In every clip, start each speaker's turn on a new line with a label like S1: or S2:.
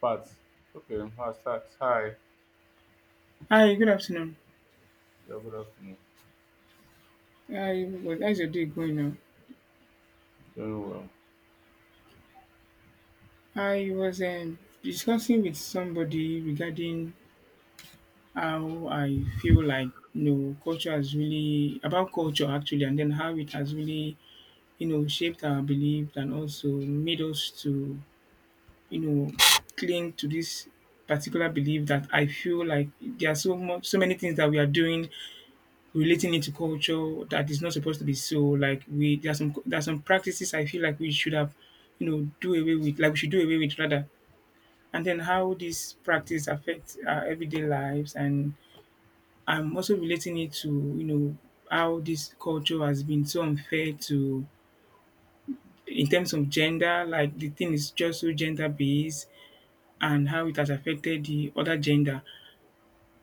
S1: Pat. Okay, hi, start. Hi.
S2: Hi, good afternoon.
S1: Yeah, good afternoon.
S2: I was How's your day going now?
S1: Doing well.
S2: I was discussing with somebody regarding how I feel like culture has really about culture actually, and then how it has really shaped our beliefs and also made us to you know cling to this particular belief that I feel like there are so much so many things that we are doing relating it to culture that is not supposed to be so. Like we there are some practices I feel like we should have, you know, do away with. Like, we should do away with rather. And then how this practice affects our everyday lives, and I'm also relating it to how this culture has been so unfair to in terms of gender. Like, the thing is just so gender based, and how it has affected the other gender,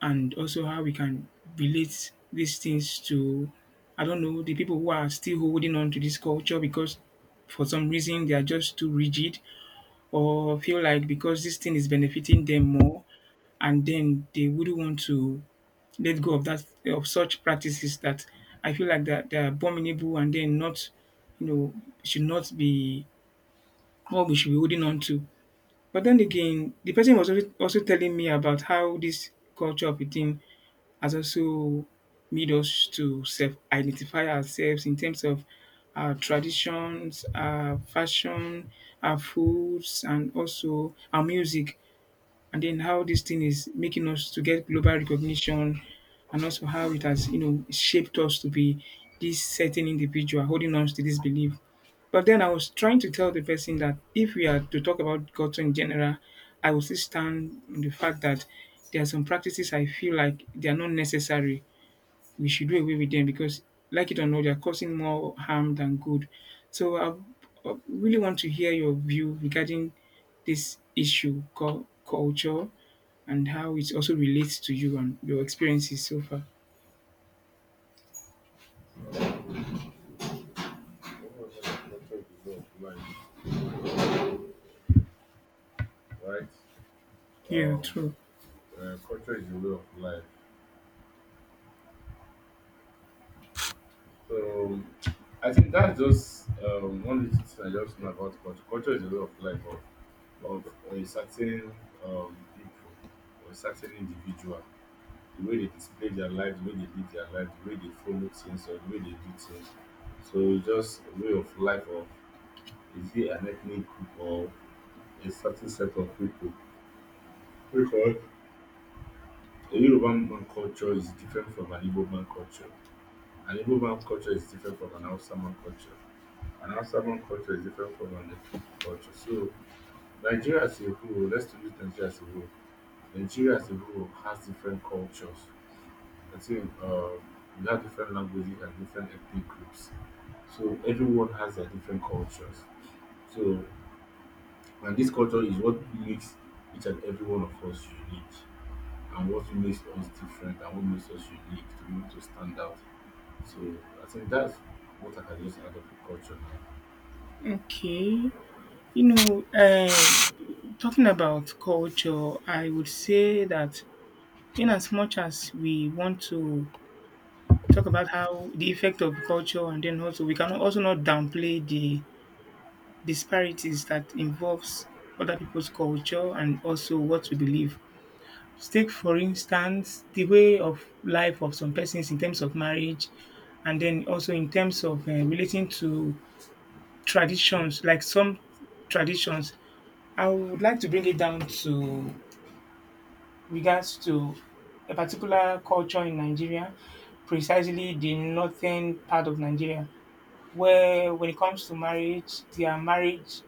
S2: and also how we can relate these things to. I don't know the people who are still holding on to this culture because for some reason they are just too rigid, or feel like because this thing is benefiting them more, and then they wouldn't want to let go of that, of such practices that I feel like that they're abominable and then not, you know should not be what we should be holding on to. But then again, the person was also telling me about how this culture of eating has also made us to self identify ourselves in terms of our traditions, our fashion, our foods, and also our music, and then how this thing is making us to get global recognition and also how it has shaped us to be this certain individual, holding us to this belief. But then I was trying to tell the person that if we are to talk about god in general, I will still stand on the fact that there are some practices I feel like they are not necessary. We should do away with them because, like it or not, they're causing more harm than good. So I really want to hear your view regarding this issue called culture, and how it also relates to you and your experiences so far.
S1: Okay. Everyone knows that culture is the way of life, right?
S2: Yeah,
S1: Um,
S2: true.
S1: culture is the way of life. So I think that's just one little thing I just know about culture. Culture is the way of life of a certain people or a certain individual. The way they display their life, the way they live their life, the way they follow things, or the way they do things. So it's just a way of life of. Is it an ethnic group or a certain set of people? Because a Yoruba man culture is different from an Igbo man culture. An Igbo man culture is different from an Hausa man culture. An Hausa man culture is different from an Efik culture. So Nigeria as a whole, let's use Nigeria as a whole. Nigeria as a whole has different cultures. I think we have different languages and different ethnic groups. So everyone has their different cultures. So. And this culture is what makes each and every one of us unique, and what makes us different and what makes us unique to be able to stand out. So I think that's what I can just add up to culture now.
S2: Okay. You know, talking about culture, I would say that in as much as we want to talk about how the effect of culture, and then also we can also not downplay the disparities that involves other people's culture and also what we believe. Take for instance the way of life of some persons in terms of marriage, and then also in terms of relating to traditions, like some traditions. I would like to bring it down to regards to a particular culture in Nigeria, precisely the northern part of Nigeria, where when it comes to marriage, their marriage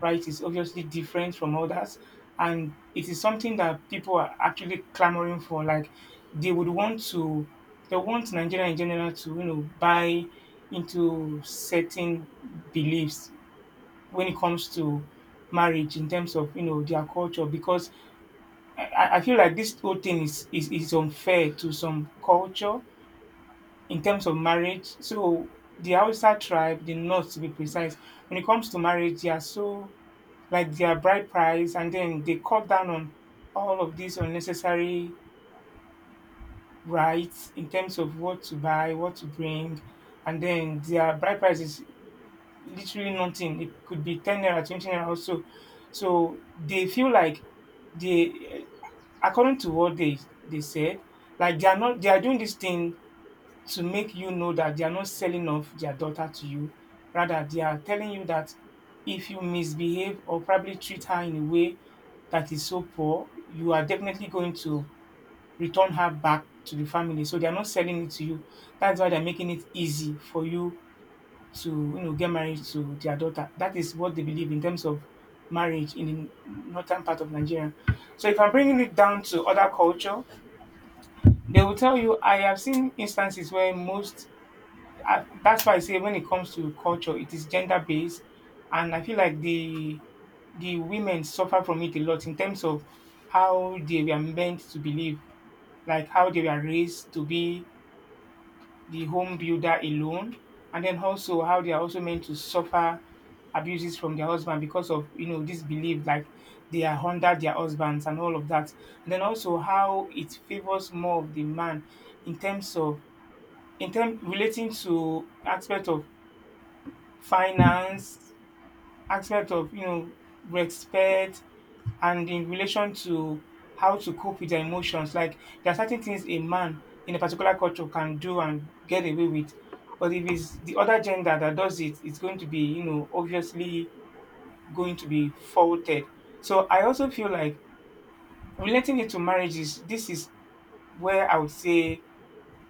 S2: right is obviously different from others, and it is something that people are actually clamoring for. Like, they would want to, they want Nigeria in general to buy into certain beliefs when it comes to marriage in terms of their culture, because I feel like this whole thing is unfair to some culture in terms of marriage. So the Hausa tribe, the North to be precise, when it comes to marriage, they are so, like, their bride price, and then they cut down on all of these unnecessary rights in terms of what to buy, what to bring, and then their bride price is literally nothing. It could be 10 naira, 20 naira also. So they feel like they, according to what they said, like they are not they are doing this thing to make that they are not selling off their daughter to you. Rather, they are telling you that if you misbehave or probably treat her in a way that is so poor, you are definitely going to return her back to the family. So they are not selling it to you. That's why they're making it easy for you to get married to their daughter. That is what they believe in terms of marriage in the northern part of Nigeria. So if I'm bringing it down to other culture, they will tell you I have seen instances where most that's why I say when it comes to culture, it is gender based, and I feel like the women suffer from it a lot in terms of how they were meant to believe, like how they were raised to be the home builder alone, and then also how they are also meant to suffer abuses from their husband because of this belief, like they are under their husbands and all of that, and then also how it favors more of the man in terms of, in term relating to aspect of finance, aspect of respect, and in relation to how to cope with their emotions. Like, there are certain things a man in a particular culture can do and get away with, but if it's the other gender that does it, it's going to be, obviously going to be faulted. So I also feel like relating it to marriages. This is where I would say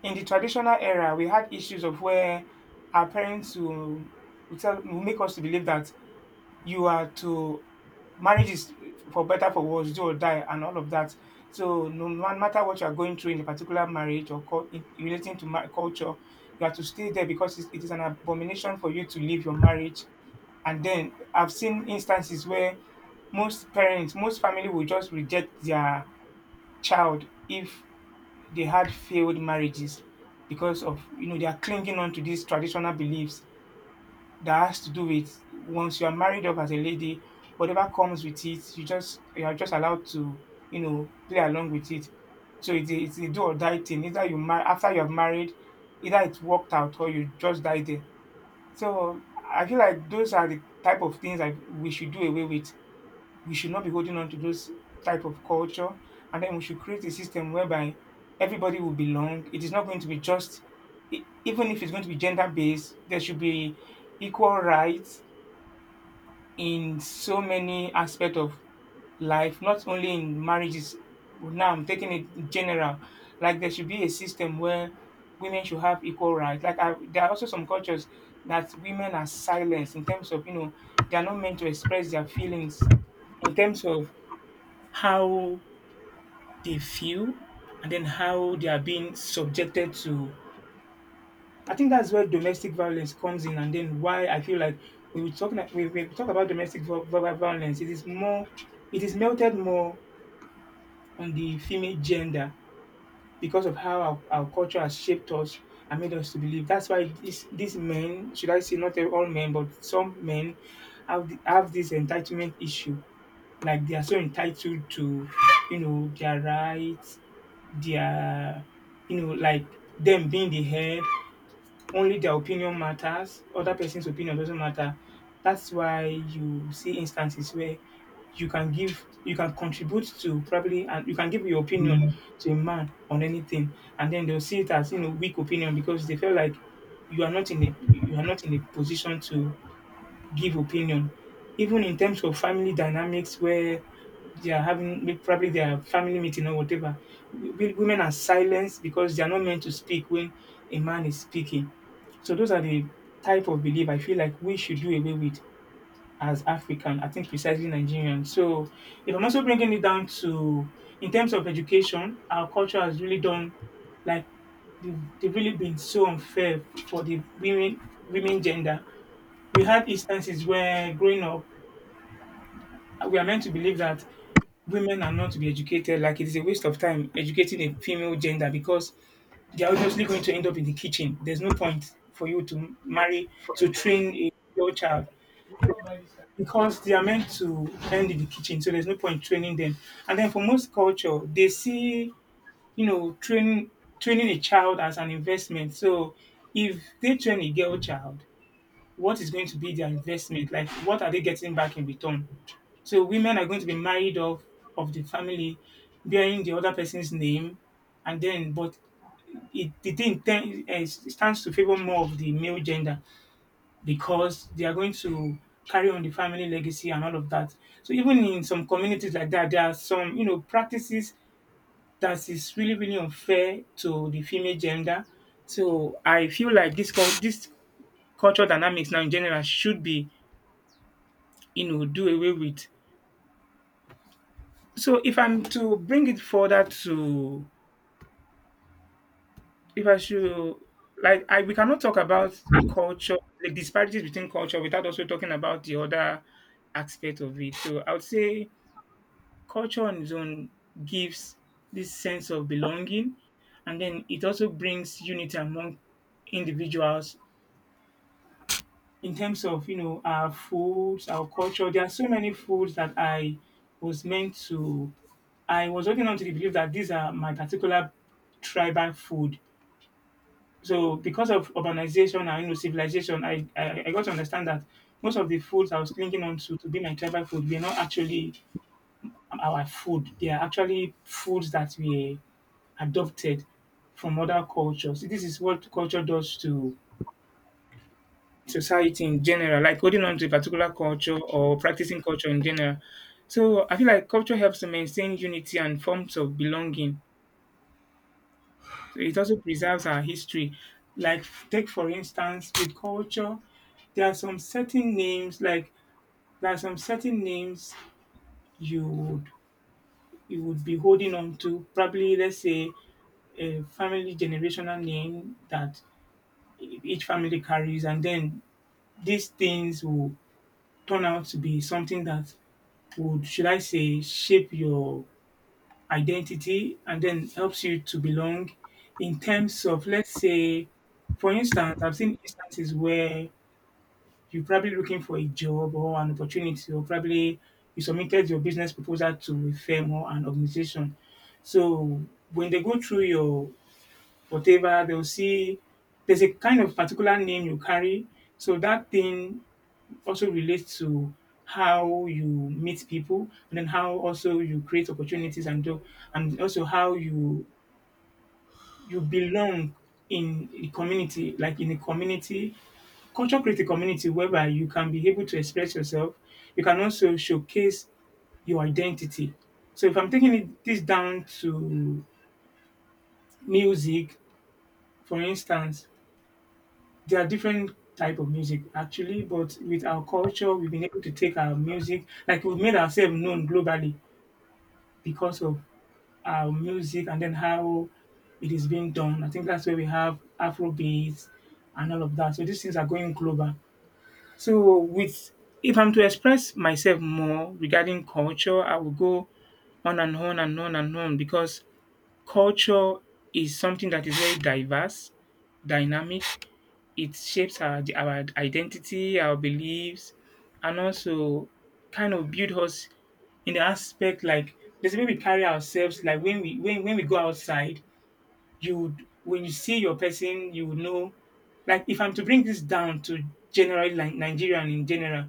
S2: in the traditional era we had issues of where our parents will make us to believe that you are to marriage is for better for worse, do or die, and all of that. So no matter what you are going through in a particular marriage or relating to culture, you have to stay there because it is an abomination for you to leave your marriage. And then I've seen instances where most parents, most family will just reject their child if they had failed marriages because of they are clinging on to these traditional beliefs that has to do with, once you are married up as a lady, whatever comes with it, you are just allowed to play along with it. So it's a do or die thing. Either you mar after you have married, either it worked out or you just die there. So I feel like those are the type of things that we should do away with. We should not be holding on to those type of culture, and then we should create a system whereby everybody will belong. It is not going to be just, even if it's going to be gender based, there should be equal rights in so many aspects of life, not only in marriages. Now I'm taking it in general. Like, there should be a system where women should have equal rights. There are also some cultures that women are silenced in terms of, they are not meant to express their feelings in terms of how they feel, and then how they are being subjected to. I think that's where domestic violence comes in, and then why I feel like when we talk about domestic violence, it is melted more on the female gender because of how our culture has shaped us and made us to believe. That's why these men, should I say not all men, but some men have this entitlement issue, like they are so entitled to, their rights, their, like them being the head. Only their opinion matters. Other person's opinion doesn't matter. That's why you see instances where you can contribute to probably, and you can give your opinion to a man on anything, and then they'll see it as, weak opinion because they feel like you are not in a position to give opinion, even in terms of family dynamics where they are having probably their family meeting or whatever. Women are silenced because they are not meant to speak when a man is speaking. So those are the type of belief I feel like we should do away with as African. I think precisely Nigerian. So if I'm also bringing it down to in terms of education, our culture has really done, like they've really been so unfair for the women, women gender. We had instances where, growing up, we are meant to believe that women are not to be educated, like it is a waste of time educating a female gender because they are obviously going to end up in the kitchen. There's no point for you to train a girl child because they are meant to end in the kitchen. So there's no point training them. And then for most culture, they see, you know, training a child as an investment. So if they train a girl child, what is going to be their investment? Like, what are they getting back in return? So women are going to be married off of the family, bearing the other person's name, and then but it the thing ten- eh, stands to favor more of the male gender because they are going to carry on the family legacy and all of that. So even in some communities like that, there are some, you know, practices that is really really unfair to the female gender. So I feel like this cultural dynamics now in general should be, you know, do away with. So if I'm to bring it further to If I should, like, I we cannot talk about culture, like disparities between culture, without also talking about the other aspect of it. So I would say culture on its own gives this sense of belonging, and then it also brings unity among individuals in terms of, you know, our foods, our culture. There are so many foods that was meant to I was holding on to the belief that these are my particular tribal food. So because of urbanization and, you know, civilization, I got to understand that most of the foods I was clinging on to be my tribal food were not actually our food. They are actually foods that we adopted from other cultures. This is what culture does to society in general, like holding on to a particular culture or practicing culture in general. So I feel like culture helps to maintain unity and forms of belonging. So it also preserves our history. Like, take for instance with culture, there are some certain names like there are some certain names you would you would be holding on to. Probably, let's say, a family generational name that each family carries, and then these things will turn out to be something that would, should I say, shape your identity and then helps you to belong. In terms of, let's say, for instance, I've seen instances where you're probably looking for a job or an opportunity, or probably you submitted your business proposal to a firm or an organization. So when they go through your whatever, they'll see there's a kind of particular name you carry. So that thing also relates to how you meet people and then how also you create opportunities and do, and also how you you belong in a community. Like in a community, culture create a community whereby you can be able to express yourself, you can also showcase your identity. So if I'm taking this down to music, for instance, there are different type of music actually, but with our culture we've been able to take our music, like we've made ourselves known globally because of our music and then how it is being done. I think that's where we have Afrobeats and all of that. So these things are going global. So with if I'm to express myself more regarding culture, I will go on and on and on and on because culture is something that is very diverse, dynamic, it shapes our identity, our beliefs, and also kind of build us in the aspect, like there's a way we carry ourselves. Like when we go outside, you would when you see your person, you would know. Like if I'm to bring this down to general, like Nigerian in general,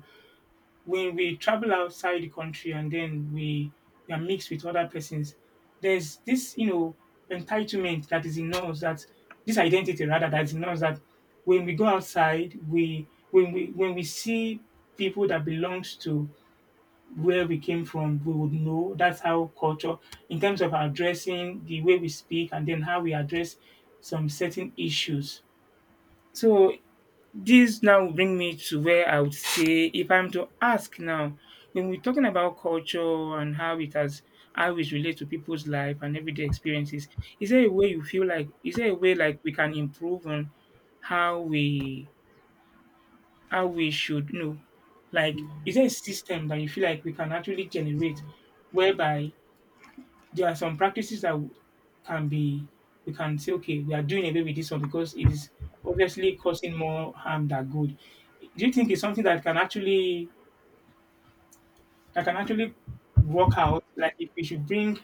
S2: when we travel outside the country and then we are mixed with other persons, there's this, you know, entitlement that is in us that, this identity rather, that is in us, that when we go outside, we when we when we see people that belongs to where we came from, we would know. That's how culture, in terms of our dressing, the way we speak, and then how we address some certain issues. So this now will bring me to where I would say, if I'm to ask now, when we're talking about culture and how it has how it relates to people's life and everyday experiences, is there a way you feel like, is there a way, like, we can improve on how we how we should, you know, like, is there a system that you feel like we can actually generate whereby there are some practices that can be, we can say, okay, we are doing away with this one because it is obviously causing more harm than good? Do you think it's something that can actually that can actually work out? Like, if we should bring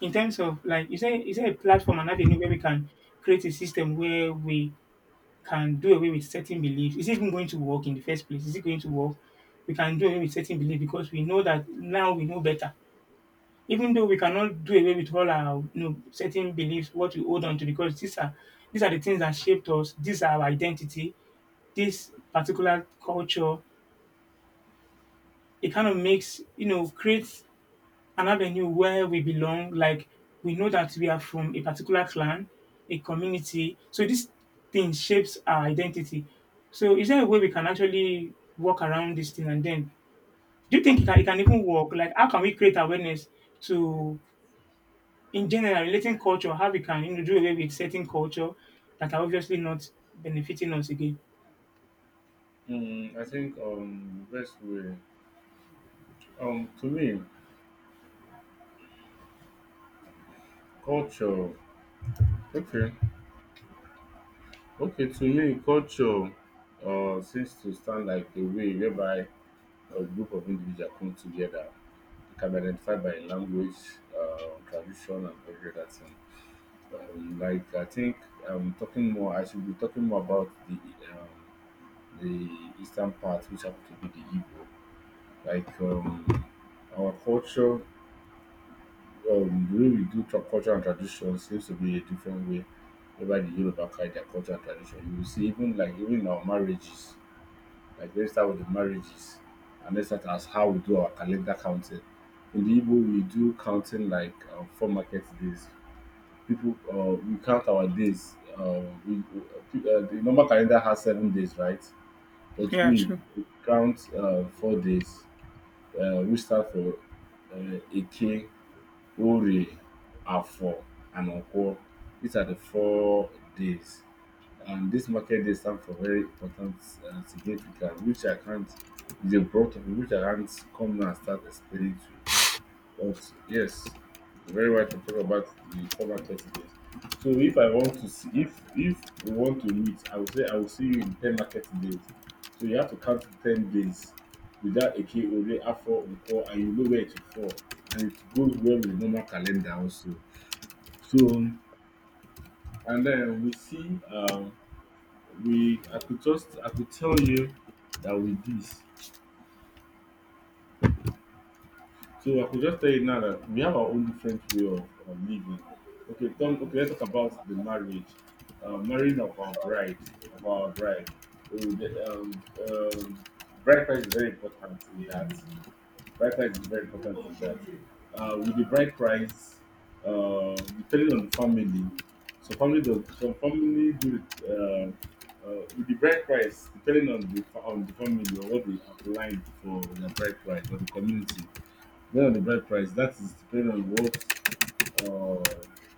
S2: in terms of, like, is there a platform and avenue where we can create a system where we can do away with certain beliefs? Is it even going to work in the first place? Is it going to work, we can do away with certain beliefs because we know that now we know better? Even though we cannot do away with all our, you know, certain beliefs, what we hold on to, because these are the things that shaped us. These are our identity. This particular culture, it kind of makes, you know, creates an avenue where we belong. Like, we know that we are from a particular clan, a community. So this thing shapes our identity. So is there a way we can actually work around this thing? And then, do you think it can even work? Like, how can we create awareness to in general, relating culture, how we can, you know, do away with certain culture that are obviously not benefiting us again?
S1: I think the best way, to me, culture okay okay to me culture seems to stand like a way whereby a group of individuals come together. It can be identified by language, tradition, and every other thing. Like I think I should be talking more about the eastern part, which happen to be the Igbo. Like our culture, the way we do culture and tradition seems to be a different way. Whereby the Yoruba carry their culture and tradition. You will see even like even in our marriages like register with the marriages, and let's start as how we do our calendar counting. In the Igbo, we do counting like four market days. People, we count our days. The normal calendar has 7 days, right? But
S2: Yeah,
S1: we
S2: true.
S1: count 4 days. We start for Eke, Ore, Afo, and Okwo. These are the 4 days. And this market day stand for very important and significant, which I can't, it's a broad topic which I can't come now and start explaining to you. But yes, very right to talk about the former categories. So if I want to see, if we want to meet, I will see you in 10 market days. So you have to count 10 days without a K or Afro Nko, and you know where it will fall. And it goes well with the normal calendar also. So and then we see we I could just I could tell you that with this. So I could just tell you now that we have our own different way of living. Okay, Tom, okay, let's talk about the marriage, marrying of our bride, of our bride. Uh, the, um, um, bride price is very important in that. Bright price is very important in that. With the bright price, depending on the family, so family does some family do it, with the bright price, depending on the on the family or what they outlined for their bright price or the community. Depending on the bright price, that is depending on uh,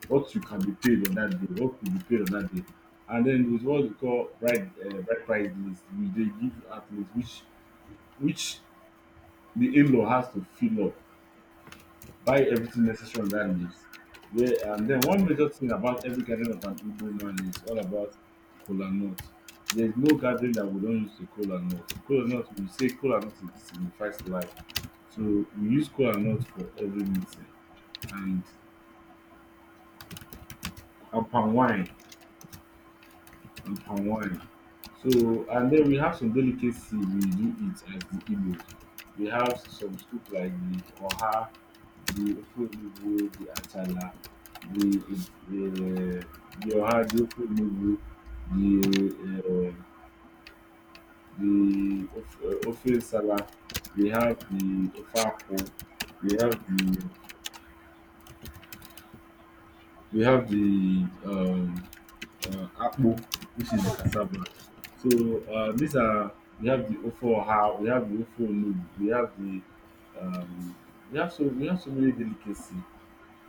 S1: what you can be paid on that day, what could be paid on that day. And then there's what we call bright price list, which they give athletes, which the in-law has to fill up, buy everything necessary on that leaves. Yeah, and then one major thing about every gathering of an Igbo man is all about kola nut. There's no gathering that we don't use the kola nut. Kola nut, we say kola nut, it signifies life. So we use kola nut for every meeting and, palm wine. And palm wine. So and then we have some delicacy we do eat as the Igbos. We have some soup like the oha, the ofe onugbu, the achala, the the the oha, the ofe onugbu, the um the ofe nsala. We have the ofe akwu. We have the, we have the akpu, which is the cassava. So these are, we have the ofo oha, we have the ofo onugbu, we have the um, we have, so we have so many delicacy.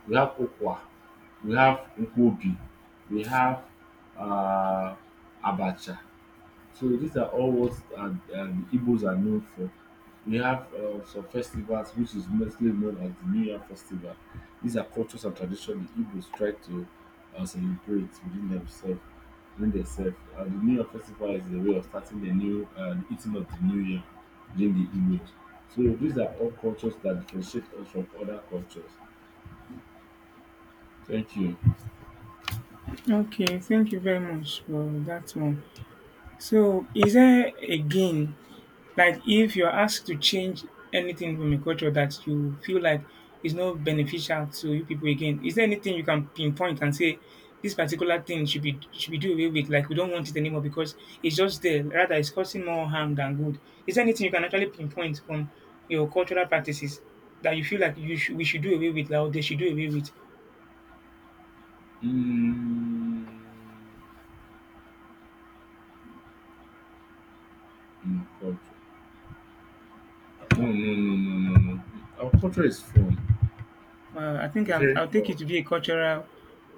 S1: We have ukwa, we have nkwobi, we have uh, abacha. So these are all what the Igbos are known for. We have some festivals which is mostly known as the New Year Festival. These are cultures and traditions the Igbos try to celebrate within themselves, and the New Year Festival is a way of starting the new the eating of the new Year, within the Igbos. So these are all cultures that differentiate us from other cultures. Thank you.
S2: Okay, thank you very much for that one. So is there a gain, like if you're asked to change anything from a culture that you feel like is not beneficial to you people again, is there anything you can pinpoint and say this particular thing should be do away with? Like, we don't want it anymore because it's just there. Rather, it's causing more harm than good. Is there anything you can actually pinpoint from your cultural practices that you feel like we should do away with, like, or they should do away with?
S1: Mm, no culture. No, no, no, no, no, no. Our culture is fun.
S2: I think
S1: Very
S2: I'll take
S1: poor.
S2: it to be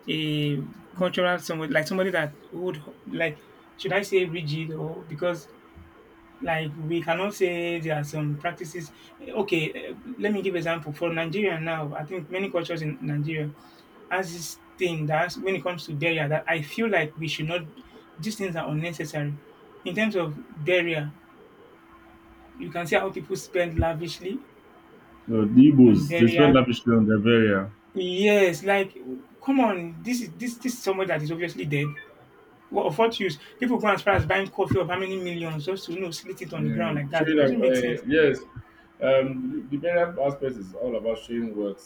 S2: a cultural somebody, like somebody that would, like, should I say, rigid? Or because, like, we cannot say there are some practices. Okay, let me give example for Nigeria now. I think many cultures in Nigeria has this thing that when it comes to barrier that I feel like we should not. These things are unnecessary. In terms of barrier, you can see how people spend lavishly
S1: No, the
S2: on
S1: Igbos, they
S2: barrier.
S1: spend lavishly on their burial.
S2: Yes, like, come on, this is this is someone that is obviously dead. What of what use? People go as far as buying coffee of how many millions just to, you know, slit it on the ground like that.
S1: Showing
S2: It
S1: that,
S2: doesn't make sense.
S1: yes, the burial aspect is all about showing what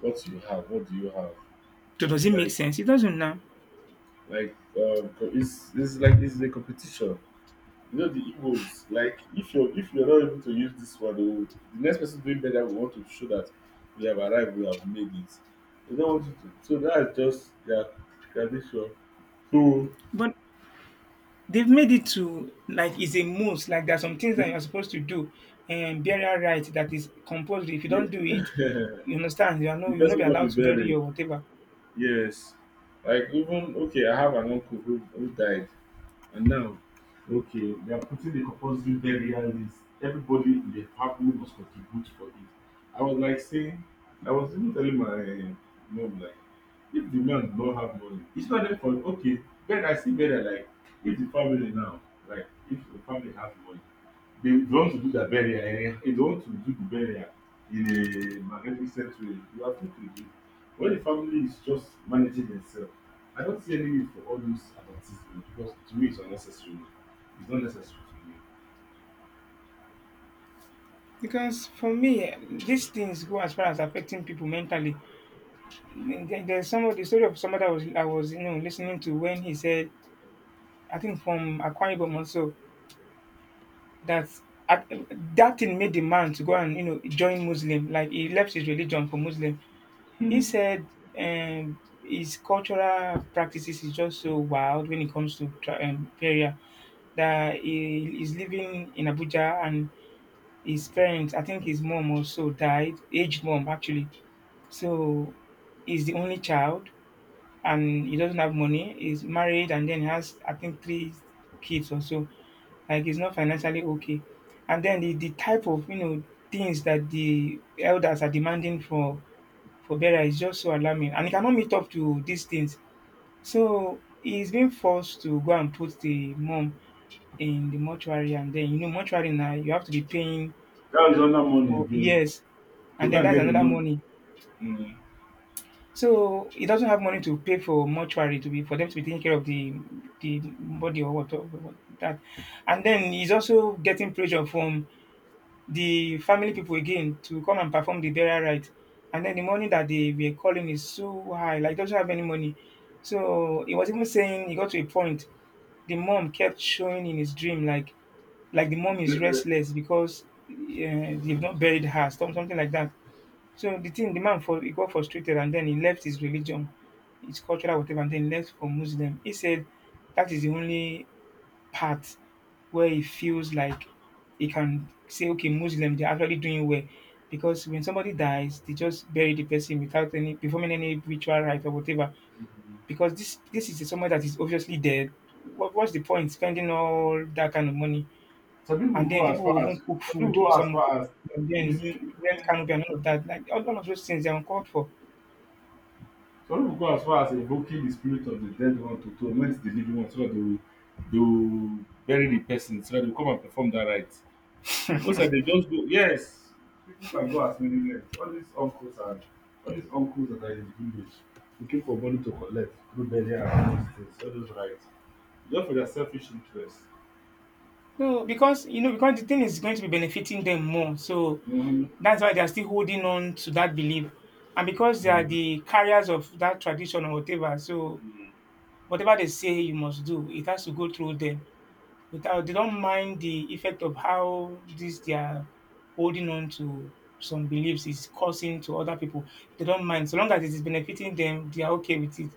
S1: what you have. What do you have?
S2: So does
S1: It's
S2: it make
S1: like
S2: sense? It doesn't now.
S1: like it's like it's a competition. You know the Igbos. Like if you're not able to use this one, they will. The next person doing better will want to show that we have arrived. We have made it. They don't want you to. So that's just their tradition. So
S2: But they've made it to, like, it's a must. Like, there are some things that you're supposed to do and burial right that is compulsory. If you
S1: yeah.
S2: don't do it, you understand, you are no,
S1: The
S2: you'll
S1: person
S2: not be
S1: will not be
S2: allowed to bury
S1: buried.
S2: or whatever.
S1: Yes. Like even okay, I have an uncle who, died, and now okay, they are putting the compulsory burial list. Everybody in the family must contribute for it. I was like saying, I was even telling my mom like, if the man don't have money, it's not there for okay. Then I see better like if the family now, like if the family has money. They want to do the burial they want to do the burial in a magnificent way, you have to do it. When the family is just managing themselves, I don't see any need for all those advertisement, because to me it's unnecessary. It's not necessary to me.
S2: Because for me, these things go as far as affecting people mentally. There's some of the story of somebody I was, you know, listening to when he said, I think from Akwa Ibom also, that at, that thing made the man to go and, you know, join Muslim, like he left his religion for Muslim. He said his cultural practices is just so wild when it comes to prayer. That he is living in Abuja and his parents, I think his mom also died, aged mom actually. So he's the only child and he doesn't have money. He's married and then he has, I think, three kids or so. Like, he's not financially okay. And then the type of, you know, things that the elders are demanding for Bera is just so alarming. And he cannot meet up to these things. So he's being forced to go and put the mom in the mortuary, and then, you know, mortuary now you have to be paying
S1: That one money
S2: for
S1: again
S2: years,
S1: to
S2: and
S1: go
S2: then
S1: and
S2: that's
S1: get the
S2: another
S1: money.
S2: money.
S1: um
S2: So he doesn't have money to pay for mortuary to be for them to be taking care of the body or what that, and then he's also getting pressure from the family people again to come and perform the burial rite, and then the money that they were calling is so high, like he doesn't have any money. So he was even saying he got to a point the mom kept showing in his dream, like the mom is restless because they've not buried her, something like that. So the thing, the man for he got frustrated and then he left his religion, his cultural whatever, and then left for Muslim. He said that is the only part where he feels like he can say, okay, Muslim, they're actually doing well. Because when somebody dies, they just bury the person without any performing any ritual rite or whatever. Because this is someone that is obviously dead. What's the point spending all that kind of money,
S1: some people
S2: and
S1: go
S2: then
S1: as
S2: people will
S1: far as,
S2: even cook food. Some will cook food and then
S1: using,
S2: rent canopy and all of that. Like all of those things they are uncalled for.
S1: some pipu go as far as invoking the spirit of the dead one to torment the living one so dat they will, dey will bury the person so dat dey go come and perform that rite. Most of dey just go yes, people can go as many length. All these uncles that are in the village looking for money to collect through burial and all those things, all those rites just for their selfish interest.
S2: No, because because the thing is going to be benefiting them more. So
S1: um
S2: that's why they are still holding on to that belief. And because they are the carriers of that tradition or whatever, so whatever they say you must do, it has to go through them. Without they don't mind the effect of how this they are holding on to some beliefs is causing to other people. They don't mind. So long as it is benefiting them, they are okay with it.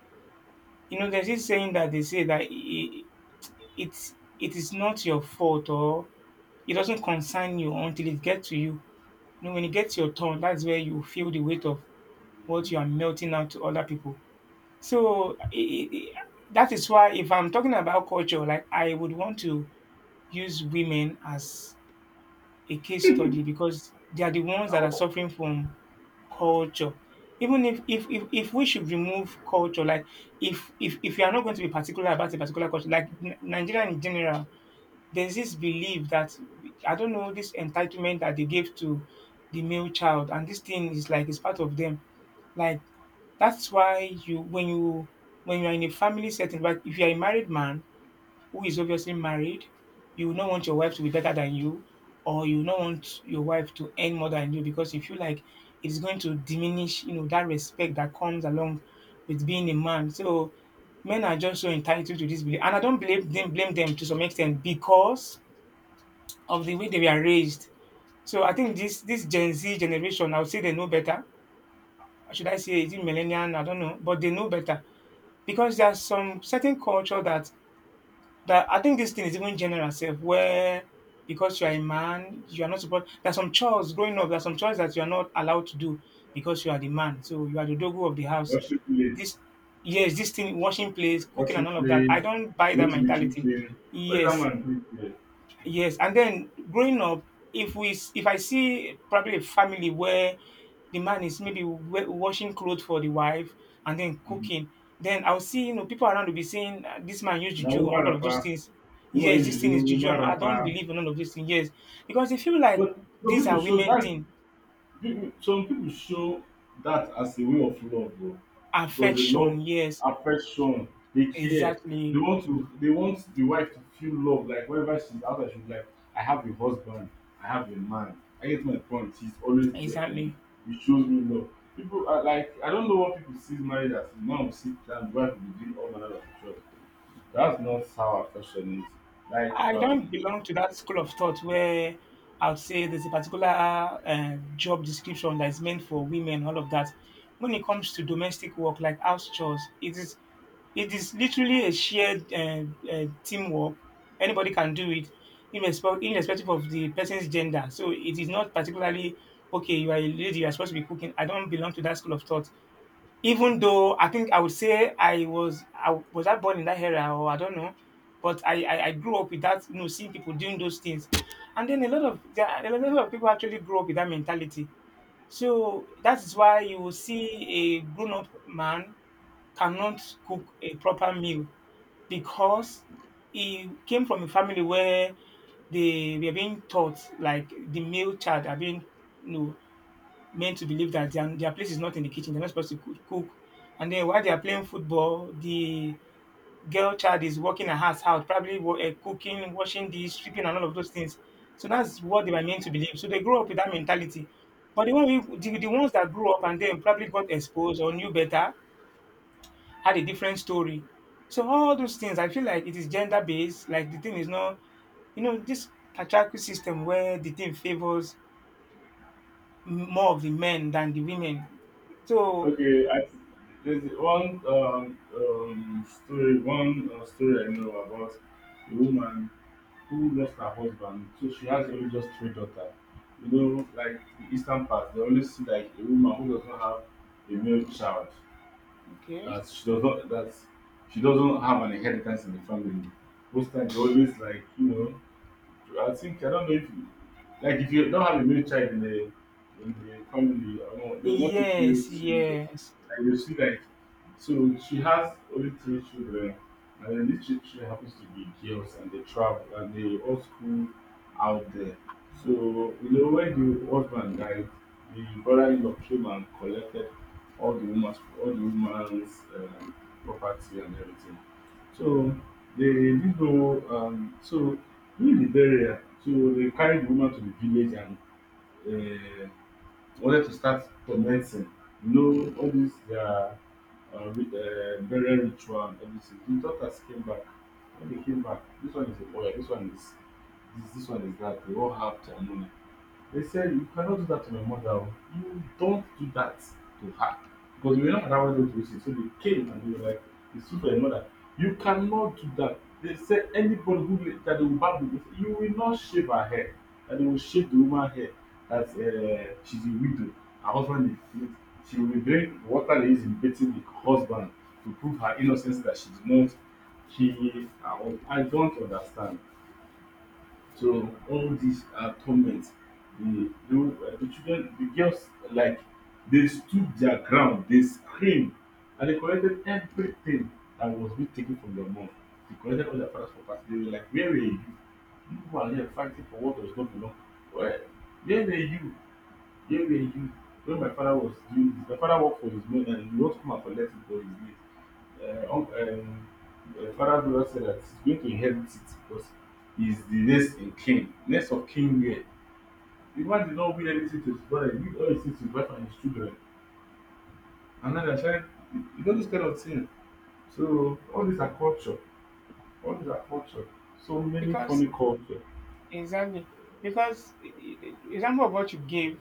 S2: You know, there's this saying that they say that it is not your fault or it doesn't concern you until it gets to you. You know, when it gets to your turn, that's where you feel the weight of what you are melting out to other people. So I that is why if I'm talking about culture, like I would want to use women as a case study because they are the ones that are suffering from culture. Even if we should remove culture, like if you are not going to be particular about a particular culture, like Nigeria in general, there's this belief that I don't know this entitlement that they give to the male child, and this thing is like it's part of them. Like that's why you when you when you are in a family setting, but if you are a married man who is obviously married, you will not want your wife to be better than you, or you will not want your wife to earn more than you because you feel like it's going to diminish, you know, that respect that comes along with being a man. So men are just so entitled to this belief. And I don't blame them to some extent because of the way they were raised. So I think this Gen Z generation, I would say they know better. Or should I say is it millennial? I don't know, but they know better because there's some certain culture that I think this thing is even general self where because you are a man, you are not supposed. There's some chores growing up. There's some chores that you are not allowed to do because you are the man. So you are the dogo of the house.
S1: Washing plate,
S2: This, yes, this thing, washing plates, cooking,
S1: washing
S2: and all of that.
S1: plate,
S2: I don't buy that
S1: going to the
S2: mentality.
S1: kitchen. What is that
S2: Yes,
S1: man doing there?
S2: yes, and then growing up, if we s- if I see probably a family where the man is maybe washing clothes for the wife and then
S1: um
S2: cooking, then I'll see, you know, people around will be saying, "Ah, this man used
S1: Na
S2: juju
S1: woman
S2: and all of those
S1: wrapper.
S2: things."
S1: What
S2: Yes,
S1: is, you might
S2: this
S1: use
S2: thing
S1: your
S2: is juju,
S1: woman
S2: and I don't
S1: wrapper.
S2: believe in all of these things. Yes, because they feel like
S1: But some
S2: these
S1: people
S2: are
S1: show
S2: women
S1: that,
S2: thing,
S1: people, some people show that as a way of love though. Because they love
S2: affection. Yes,
S1: affection, they care. They
S2: exactly,
S1: want to, they want the wife to feel love, like whenever she's outside, she'll be like, I have a husband, I have a man. I get my point, he's always there for me.
S2: exactly.
S1: He shows me love. People are like, I don't know what people see marriage as now, sit down, wife will be doing all manner of chores. That's not how affection is. Like
S2: I don't belong to that school of thought where I would say there's a particular job description that is meant for women, all of that. When it comes to domestic work, like house chores, it is literally a shared teamwork. Anybody can do it, irrespective of the person's gender. So it is not particularly okay. You are a lady. You are supposed to be cooking. I don't belong to that school of thought. Even though I think I would say I born in that era or I don't know, but I grew up with that, you know, seeing people doing those things, and then a lot of people actually grew up with that mentality. So that is why you will see a grown up man cannot cook a proper meal because he came from a family where they were being taught like the male child are being, you know, men to believe that their place is not in the kitchen. They're not supposed to cook. And then while they are playing football, the girl child is working her house out, probably cooking, washing dishes, sweeping, and all of those things. So that's what they were meant to believe. So they grow up with that mentality. But the ones that grew up and then probably got exposed or knew better had a different story. So all those things, I feel like it is gender based. Like the thing is not, you know, this patriarchal system where the thing favors more of the men than the women. So
S1: okay, there's one story I know about a woman who lost her husband. So she has only just three daughters. You know, like the Eastern part, they always see like a woman who does not have a male child.
S2: okay.
S1: That she doesn't have an inheritance in the family. Most times they always, like, you know, I think, I don't know if you, like if you don't have a male child in the, in the family, I don't know, they won't take you
S2: Yes,
S1: serious.
S2: yes.
S1: Like you see, like so she has only three children, and then these three children happens to be girls, and they travel and they all school out there. So you know when the husband died, the brother-in-law came and collected all the woman's property and everything. So they didn't know. So during the burial, so they carried the woman to the village and um wanted to start tormenting, all this their burial ritual and everything. The daughters came back. When they came back, this one is a boy, this one is this one is that, they all have their money. They said, "You cannot do that to my mother. Oh. You don't do that to her. Because we were not allowed them to visit." So they came and they were like, "It's true for your mother. You cannot do that." They said, anybody who that they will bab you, they said, you will not shave her hair. That they will shave the woman hair. That she's a widow. Her husband is. She will drink water they use in beating the husband to prove her innocence that she did not kill her husband. I don't understand. So all these torment, the children, the girls, like, they stood their ground, they screamed, and they collected everything that was being taken from their mom. They collected all their father's property. They were like, "Where were you? You were here fighting for what does not belong. Well, where were you? Yeah, yeah, you, when my father was doing this, my father worked for his money and he won't come and collect it for his late Uh, unc- um, father." Dora said that he's going to inherit it because he's the next in king, next of king here. The man did not win anything to his brother, he did all his things to his wife and his children. And now they're trying, you know, this kind of thing. So all these are culture. All these are culture. So many funny
S2: Because
S1: culture.
S2: exactly because example of what you gave,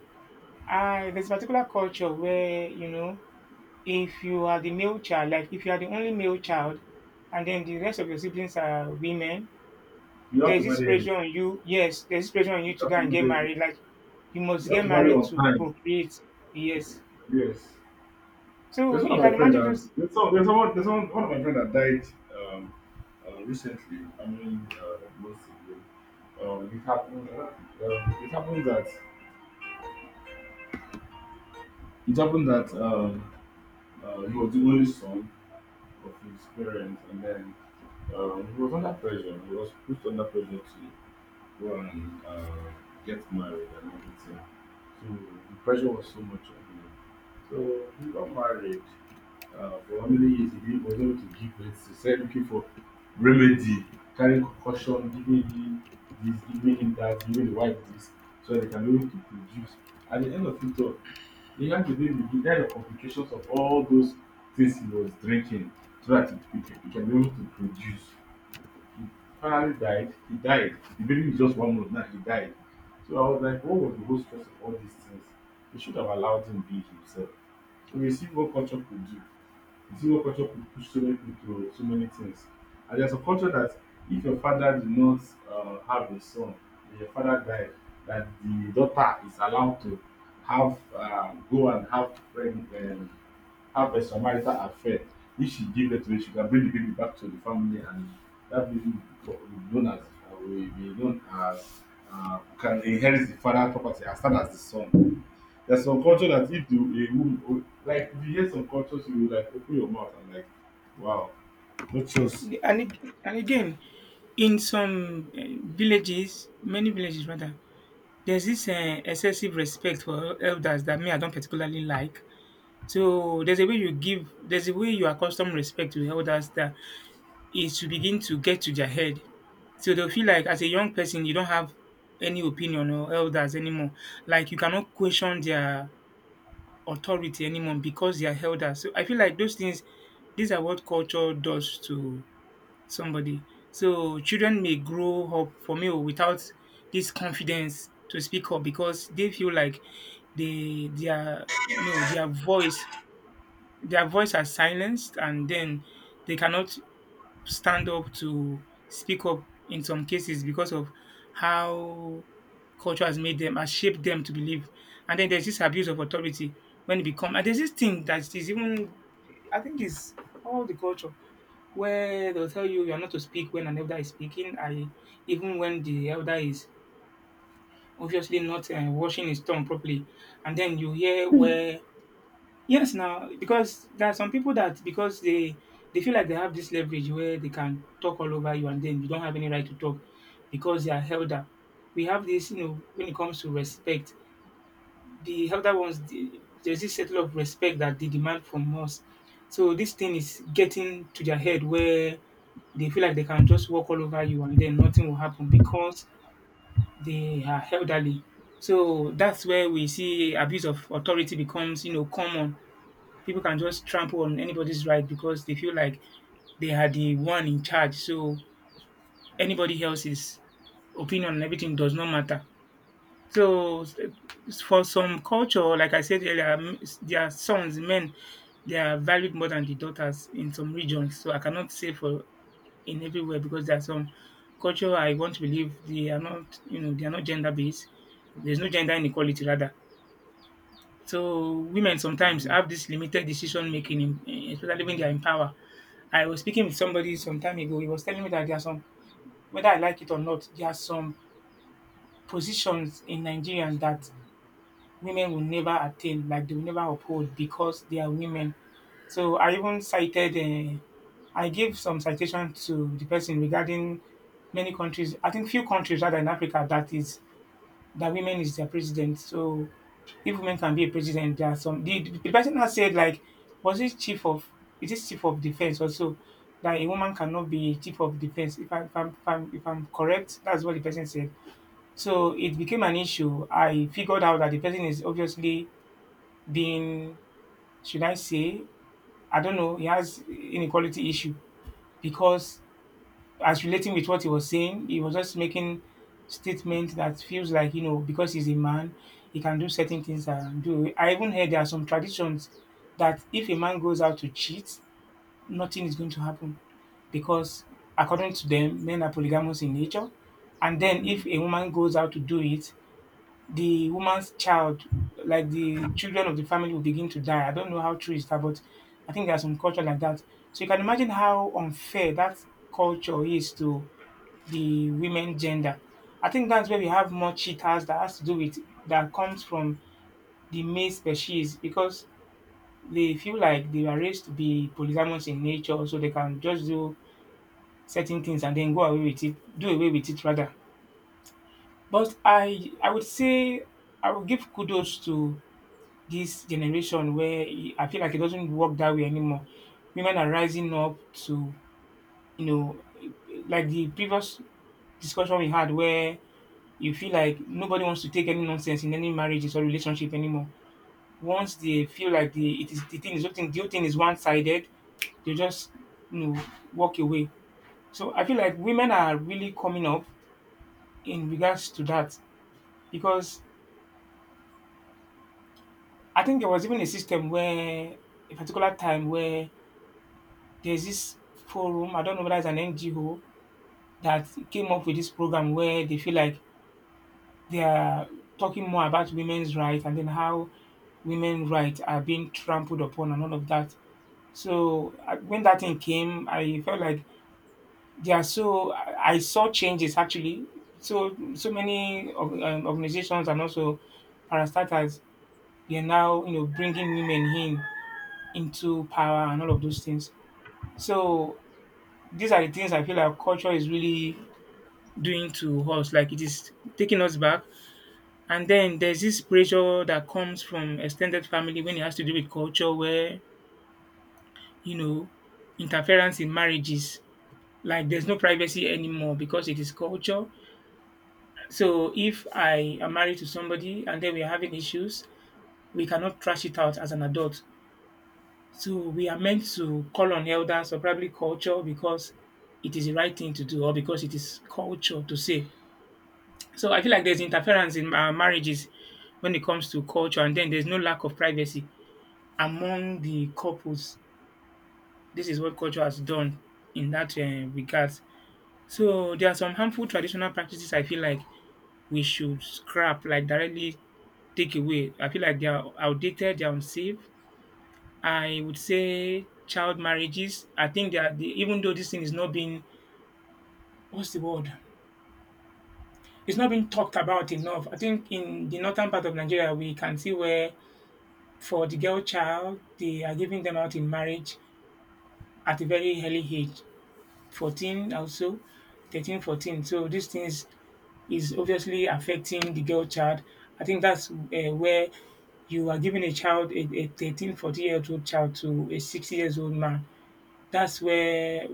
S2: I there's a particular culture where, you know, if you are the male child, like if you are the only male child and then the rest of your siblings are women,
S1: You have to
S2: there's this
S1: marry early.
S2: pressure on you. Yes, there's this pressure on you
S1: You
S2: to
S1: have
S2: go
S1: to
S2: and get
S1: marry early.
S2: married. Like you must
S1: You have
S2: get
S1: to marry
S2: married
S1: on
S2: to
S1: time.
S2: procreate. Yes.
S1: Yes. There's
S2: So
S1: one
S2: you
S1: of my
S2: can
S1: friend
S2: imagine
S1: that
S2: just
S1: there's some, there's someone there's one, one of my friend that died, um recently. I mean, mostly. It happened. Uh, it happened that it happened that he was the only son of his parents, and then, he was under pressure. He was put under pressure to go and get married and everything. So the pressure was so much on him. So he got married. For how many years he did, was able to give birth. He started looking for remedy, carrying concussion, giving him this, giving him that, giving the wife this, so that they can be able to produce. At the end of it all, he had the baby. He died of complications of all those things he was drinking, so that he can be able to produce. He finally died. He died. The baby is just one month now. He died. So I was like, what was the whole stress of all these things? We should have allowed him be himself. So you see what culture could do. You see what culture could push so many people to so many things. And there's a culture that if your father did not have a son, and your father died, that the daughter is allowed to have go and have pregnant, have a Samaritan affair. If she gave birth to it, she can bring the baby back to the family, and that baby will be known as can inherit the father property as well as the son. There's some
S2: hmm.
S1: culture that if the a woman oh, like if you hear some cultures, you will like open your mouth and like, wow, no choice.
S2: And again in some villages, many villages rather, there's this excessive respect for elders that me I don't particularly like. So there's a way you accustom respect to elders that is to begin to get to their head. So they'll feel like as a young person you don't have any opinion or elders anymore. Like you cannot question their authority anymore because they are elders. So I feel like those things these are what culture does to somebody. So children may grow up for me oh, without this confidence to speak up because they feel like they their no their voice their voice are silenced and then they cannot stand up to speak up in some cases because of how culture has made them, has shaped them to believe. And then there's this abuse of authority when it become and there's this thing that is even I think is all the culture where they'll tell you you are not to speak when an elder is speaking. I even when the elder is obviously not washing his tongue properly, and then you hear where yes, now because there are some people that because they feel like they have this leverage where they can talk all over you, and then you don't have any right to talk because they are elder. We have this, you know, when it comes to respect, the elder ones, there's this settle of respect that they demand from us. So this thing is getting to their head where they feel like they can just walk all over you, and then nothing will happen because they are elderly. So that's where we see abuse of authority becomes, you know, common people can just trample on anybody's right because they feel like they are the one in charge. So anybody else's opinion and everything does not matter. So s- for some culture, like I said earlier, their sons, men, they are valued more than the daughters in some regions. So I cannot say for in everywhere because there are some culture I want to believe they are not, you know, they are not gender based. There's no gender inequality rather. So women sometimes have this limited decision making, especially when they are in power. I was speaking with somebody some time ago. He was telling me that there are some, whether I like it or not, there are some positions in Nigerians that women will never attain, like they will never uphold because they are women. So I even cited, I gave some citation to the person regarding many countries. I think few countries rather in Africa that is that women is their president. So if women can be a president, there are some. The person has said like, was it chief of? Is it chief of defense also? That a woman cannot be chief of defense. If, I, if, I'm, if I'm if I'm correct, that's what the person said. So it became an issue. I figured out that the person is obviously being, should I say, I don't know, he has inequality issue because as relating with what he was saying, he was just making statement that feels like, because he's a man, he can do certain things and do. I even heard there are some traditions that if a man goes out to cheat, nothing is going to happen because according to them, men are polygamous in nature, and then if a woman goes out to do it, the woman's child, like the children of the family, will begin to die. I don't know how true is that, but I think there's some culture like that. So you can imagine how unfair that culture is to the women gender. I think that's where we have more cheaters, that has to do with, that comes from the male species, because they feel like they are raised to be polygamous in nature, so they can just do certain things and then go away with it, do away with it rather. But I would say I would give kudos to this generation, where I feel like it doesn't work that way anymore. Women are rising up to, you know, like the previous discussion we had, where you feel like nobody wants to take any nonsense in any marriages or relationship anymore. Once they feel like the it is the thing is something the whole thing is one sided, they just you know walk away. So I feel like women are really coming up in regards to that, because I think there was even a system where, a particular time where there's this forum, I don't know whether it's an NGO that came up with this program, where they feel like they are talking more about women's rights and then how women rights are being trampled upon and all of that. When that thing came, I felt like they are so. I saw changes actually. So many of, organizations and also parastatals, they are now bringing women in into power and all of those things. So these are the things I feel like culture is really doing to us. Like, it is taking us back. And then there's this pressure that comes from extended family when it has to do with culture, where, you know interference in marriages. Like, there's no privacy anymore because it is culture. So if I am married to somebody and then we are having issues, we cannot trash it out as an adult. So we are meant to call on elders, or probably culture, because it is the right thing to do, or because it is culture to say. So I feel like there's interference in marriages when it comes to culture, and then there's no lack of privacy among the couples. This is what culture has done in that regard. So there are some harmful traditional practices I feel like we should scrap, like directly take away. I feel like they are outdated, they are unsafe. I would say child marriages. I think that the, even though this thing is not being, what's the word? It's not being talked about enough. I think in the northern part of Nigeria, we can see where, for the girl child, they are giving them out in marriage at a very early age, 14 also, 13, 14. So these things is obviously affecting the girl child. I think that's where you are giving a child, a 13, 14-year-old child, to a 60 years old man. That's where,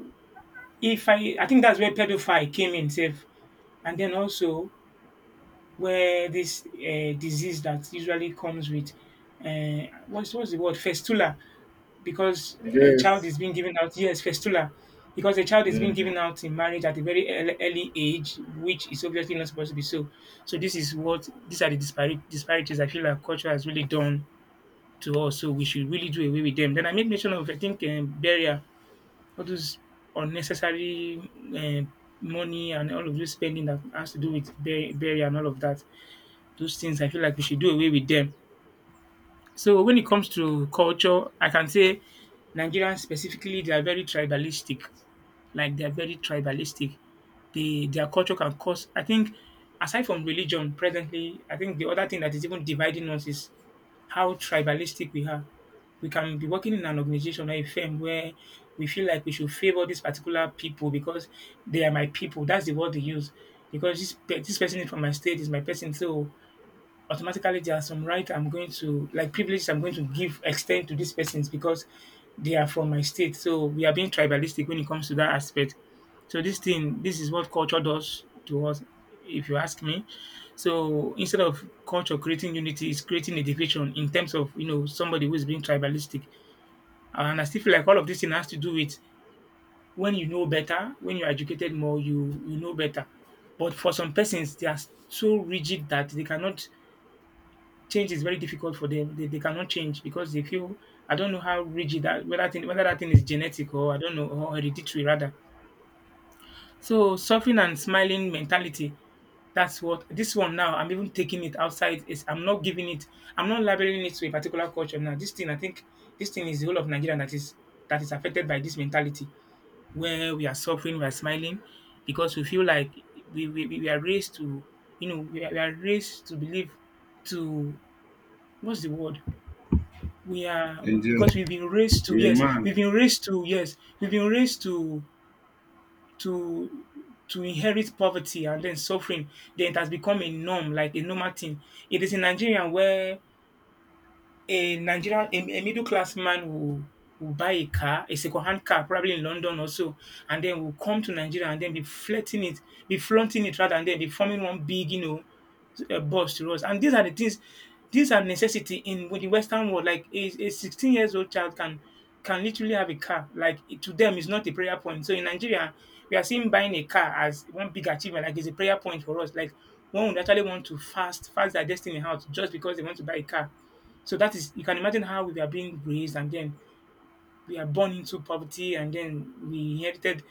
S2: if I, I think that's where pedophile came in safe. And then also, where this disease that usually comes with, what's the word, festula, because a child
S1: Yes.
S2: is being given out, yes, festula, because a child is being
S1: Mhm.
S2: given out in marriage at a very early age, which is obviously not supposed to be so. So this is what, these are the disparities, I feel like culture has really done to us. So we should really do away with them. Then I made mention of, I think, barrier, all those unnecessary um money and all of this spending that has to do with barrier and all of that. Those things I feel like we should do away with them. So when it comes to culture, I can say Nigerians specifically, they are very tribalistic. Like, they are very tribalistic. They, their culture can cause, I think, aside from religion presently, I think the other thing that is even dividing us is how tribalistic we are. We can be working in an organization or a firm where we feel like we should favor this particular people because they are my people. That's the word they use. Because this this person is from my state, is my person, so automatically there are some right I'm going to, like, privileges I'm going to give, extend to these persons because they are from my state. So we are being tribalistic when it comes to that aspect. So this thing, this is what culture does to us, if you ask me. So instead of culture creating unity, it's creating a division in terms of, somebody who is being tribalistic. And I still feel like all of this thing has to do with, when you know better, when you're educated more, you know better. But for some persons, they are so rigid that they cannot change, is very difficult for them. They cannot change because they feel, I don't know how rigid that, whether that thing, whether that thing is genetic, or I don't know, or hereditary rather. So suffering and smiling mentality. That's what this one now. I'm even taking it outside. Is I'm not giving it. I'm not labeling it to a particular culture now. This thing, I think, this thing is the whole of Nigeria that is affected by this mentality, where we are suffering, we are smiling, because we feel like we are raised to, we are raised to believe, to, what's the word, we are,
S1: Angel,
S2: because we've been
S1: a
S2: raised to, yes,
S1: man.
S2: we've been raised to, yes, we've been raised to, to to inherit poverty and then suffering. Then it has become a norm, like a normal thing. It is in Nigeria where a Nigerian, a middle class man will, buy a car, a second hand car, probably in London also, and then will come to Nigeria and then be flirting it, be flaunting it rather, and then be forming one big, boss to us. And these are the things, these are necessity in the Western world. Like a 16 years old child can literally have a car. Like to them, it's not a prayer point. So in Nigeria, we are seeing buying a car as one big achievement. Like, it's a prayer point for us. Like one would actually want to fast their destiny out just because they want to buy a car. So that is, you can imagine how we are being raised, and then we are born into poverty and then we inherited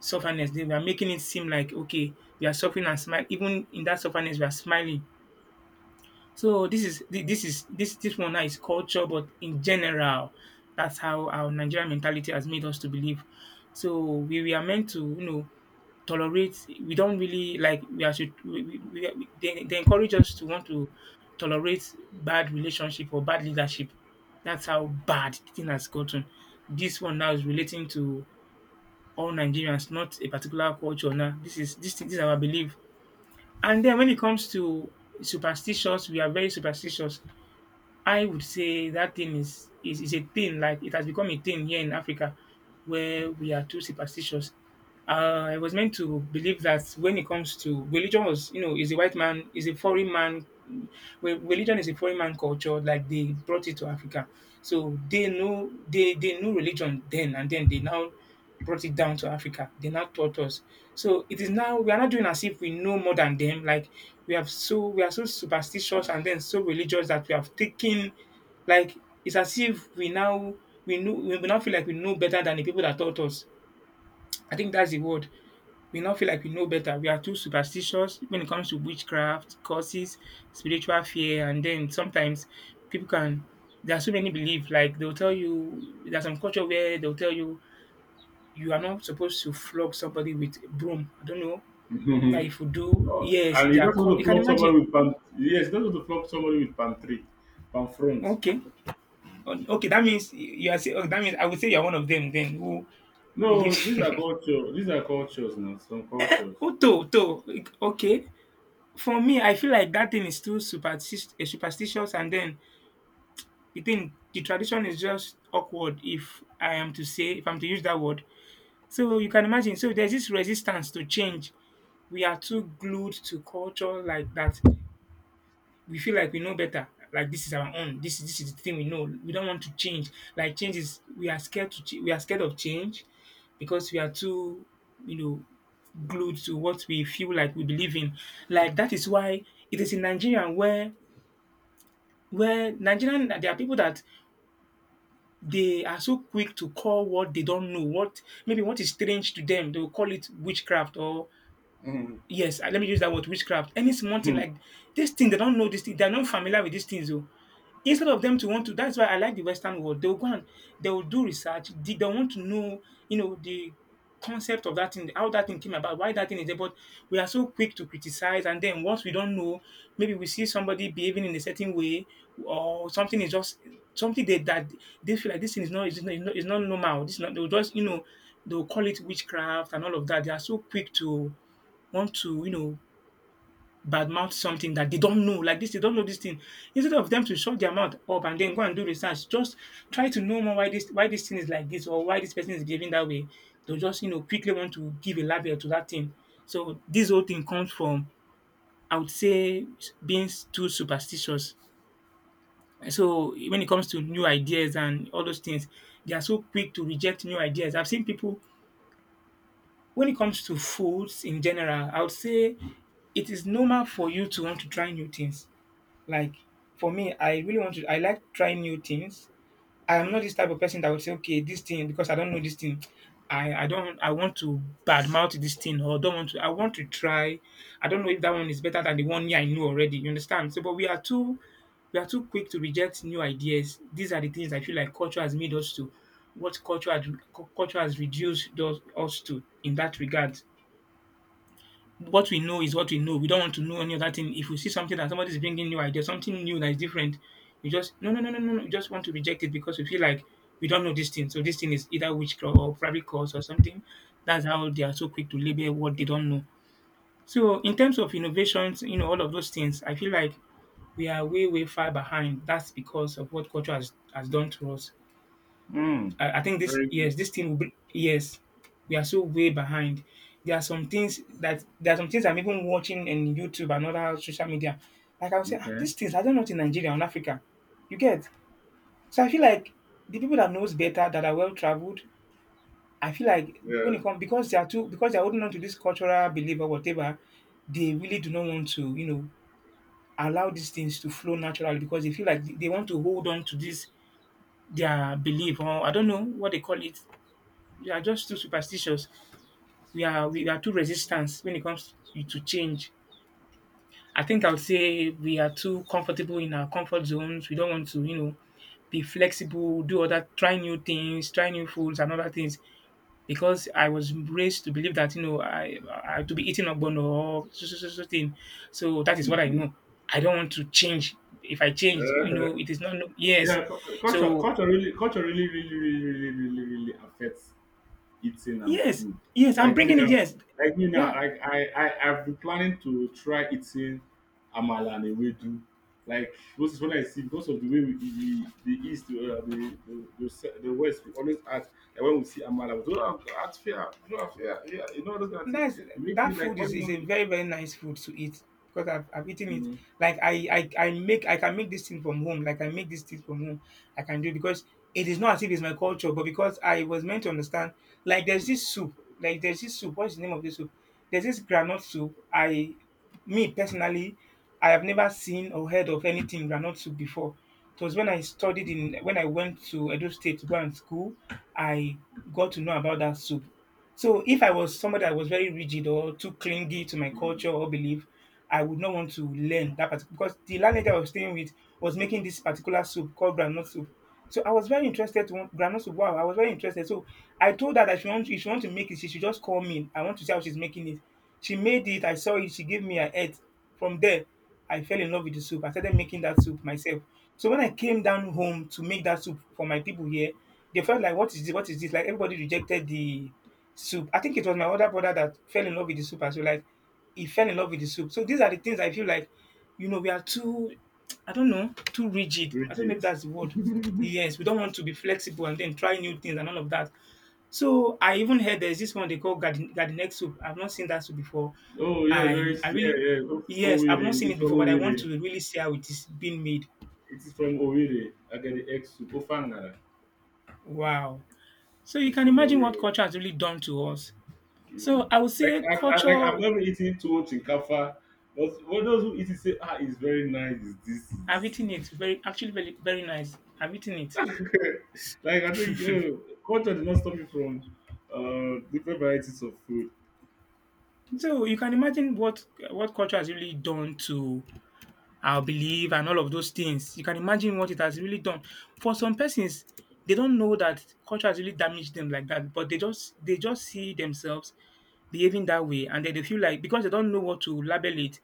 S2: sufferness. Then we are making it seem like, okay, we are suffering and smile. Even in that sufferness, we are smiling. So this is this is this one now is culture, but in general, that's how our Nigerian mentality has made us to believe. So we are meant to, tolerate. We don't really, like, we are should they, encourage us to want to tolerate bad relationship or bad leadership. That's how bad the thing has gotten. This one now is relating to all Nigerians, not a particular culture. Now this is this is our belief. And then when it comes to superstitions, we are very superstitious. I would say that thing is a thing, like, it has become a thing here in Africa where we are too superstitious. I was meant to believe that when it comes to religion was, is a white man, is a foreign man. Well, religion is a foreign man culture, like, they brought it to Africa. So they know they knew religion then and then they now brought it down to Africa. They now taught us. So it is now, we are not doing as if we know more than them. Like, we have, so we are so superstitious and then so religious that we have taken, like, it's as if we now feel like we know better than the people that taught us. I think that's the word. We now feel like we know better. We are too superstitious when it comes to witchcraft, curses, spiritual fear, and then sometimes people can, there are so many belief. Like, they'll tell you, there's some culture where they'll tell you are not supposed to flog somebody with a broom. I don't know that if you do,
S1: Uh,
S2: yes,
S1: and
S2: they
S1: you
S2: are
S1: don't want
S2: caught.
S1: to
S2: You can
S1: flog
S2: imagine.
S1: somebody with pan. Yes, you don't want to flog somebody with palm tree, palm front.
S2: Okay. Oh, okay, that means you are. Say, oh, that means I would say you are one of them. Then who believes?
S1: No, these are culture. These are cultures now. Some cultures.
S2: oh, to, to. Okay, for me, I feel like that thing is too superstitious, and then the tradition is just awkward. If I am to say, If I'm to use that word, so you can imagine. So there's this resistance to change. We are too glued to culture like that. We feel like we know better. Like, this is our own. This is the thing we know. We don't want to change. Like, change is, we are scared to we are scared of change because we are too you know glued to what we feel like we believe in. Like, that is why it is in Nigeria where nigerian there are people that they are so quick to call what they don't know, what maybe what is strange to them, they will call it witchcraft or,
S1: Mm.
S2: yes, let me use that word, witchcraft. Any small thing like this thing they don't know, this thing they're not familiar with, these things though. Instead of them to want to That's why I like the Western world. They'll go and they will do research. Did they want to know, the concept of that thing, how that thing came about, why that thing is there. But we are so quick to criticize, and then once we don't know, maybe we see somebody behaving in a certain way, or something is just something that they feel like this thing is not normal. This is not They'll they'll call it witchcraft and all of that. They are so quick to want to badmouth something that they don't know, like this, they don't know this thing. Instead of them to shut their mouth up and then go and do research, just try to know more why this thing is like this, or why this person is behaving that way. They'll quickly want to give a label to that thing. So this whole thing comes from, I would say, being too superstitious. So when it comes to new ideas and all those things, they are so quick to reject new ideas. I've seen people, when it comes to foods in general, I would say it is normal for you to want to try new things. Like, for me, I really want to. I like trying new things. I am not this type of person that would say, okay, this thing, because I don't know this thing. I don't I want to badmouth this thing, or don't want to. I want to try. I don't know if that one is better than the one me I knew already. You understand? So but we are too quick to reject new ideas. These are the things I feel like culture has made us to. What culture has, culture has reduced us to in that regard. What we know is what we know. We don't want to know any other thing. If we see something that somebody is bringing new idea, something new that is different, we just, no, no, no, no, no, no. We just want to reject it because we feel like we don't know this thing. So this thing is either witchcraft, or probably curse or something. That's how they are so quick to label what they don't know. So in terms of innovations, all of those things, I feel like we are way, way far behind. That's because of what culture has done to us.
S1: Mm.
S2: I think this.
S1: Very good.
S2: Yes, this thing will be, yes, we are so way behind. There are some things that there are some things I'm even watching in YouTube and other social media. Like, I'll say, ah,
S1: Okay.
S2: these things I don't know it in Nigeria and Africa. You get, so I feel like the people that knows better that are well traveled. I feel like
S1: Yeah.
S2: when it comes, because they are holding on to this cultural belief or whatever, they really do not want to allow these things to flow naturally because they feel like they want to hold on to this, their belief, or I don't know what they call it. We are just too superstitious. We are too resistant when it comes to change. I think I would say we are too comfortable in our comfort zones. We don't want to, be flexible, do other, try new things, try new foods and other things. Because I was raised to believe that, I to be eating ogbono, or so, so, so, so thing. So that is what I know. I don't want to change. If I change,
S1: Yeah,
S2: you know, it is not, no, yes.
S1: yeah, culture,
S2: So,
S1: culture really, really, really, really, really, really affects eating and
S2: yes,
S1: food.
S2: yes, I'm
S1: Like me
S2: bringing it,
S1: now,
S2: yes.
S1: like me now,
S2: Yeah.
S1: like I've been planning to try eating amala and ewedu. Like most when I see because of the way we, the east, the the west, we always act like when we see amala we don't have act fair, we don't have fair, yeah, you know those kind of thing.
S2: Nice.
S1: It make
S2: That
S1: you like
S2: food
S1: why
S2: is
S1: not
S2: a
S1: eat.
S2: very very nice food to eat, because I've eaten it.
S1: Mm.
S2: Like, I can make this thing from home. Like, I make this thing from home. I can do it because it is not as if it's my culture, but because I was meant to understand. Like, there's this soup. What's the name of this soup? There's this granite soup. I Me personally, I have never seen or heard of anything granite soup before. It was when I went to Edo State to go and school, I got to know about that soup. So if I was somebody that was very rigid or too clingy to my
S1: Mm.
S2: culture or belief, I would not want to learn that particular, because the landlady I was staying with was making this particular soup called groundnut soup. So I was very interested to want groundnut soup. Wow, I was very interested. So I told her that if she want to make it, she should just call me. I want to see how she's making it. She made it. I saw it. She gave me a head. From there, I fell in love with the soup. I started making that soup myself. So when I came down home to make that soup for my people here, they felt like, what is this? What is this? Like, everybody rejected the soup. I think it was my older brother that fell in love with the soup as well. Like, he fell in love with the soup. So these are the things I feel like, we are too, I don't know, too rigid. I don't know
S1: Rigid.
S2: if that's the word. Yes, we don't want to be flexible and then try new things and all of that. So I even heard there's this one they call gardenek soup. I've not seen that soup before.
S1: Oh yes, very,
S2: I
S1: yeah
S2: really
S1: yeah. Oh,
S2: Yes, I've
S1: Owerri,
S2: not seen
S1: it's
S2: it
S1: from
S2: before, but I want
S1: Owerri.
S2: to really see how it is being made.
S1: It is from Owerri. I get the X to Ofangara.
S2: Wow. So you
S1: It's
S2: can
S1: from
S2: imagine what
S1: Owerri.
S2: culture has really done to us. So
S1: Mm.
S2: I would
S1: Like
S2: say
S1: I like
S2: culture
S1: I've never eaten too much in Kafa, but what those who eat it say, ah, it's very nice. It's this, it's
S2: I've
S1: this,
S2: eaten it. Very actually very very nice. I've eaten it.
S1: it's this. Like I think culture did not stop me from different varieties of food.
S2: So you can imagine what culture has really done to our belief and all of those things. You can imagine what it has really done. For some persons, they don't know that culture has really damaged them like that, but they just see themselves behaving that way, and then they feel like, because they don't know what to label it,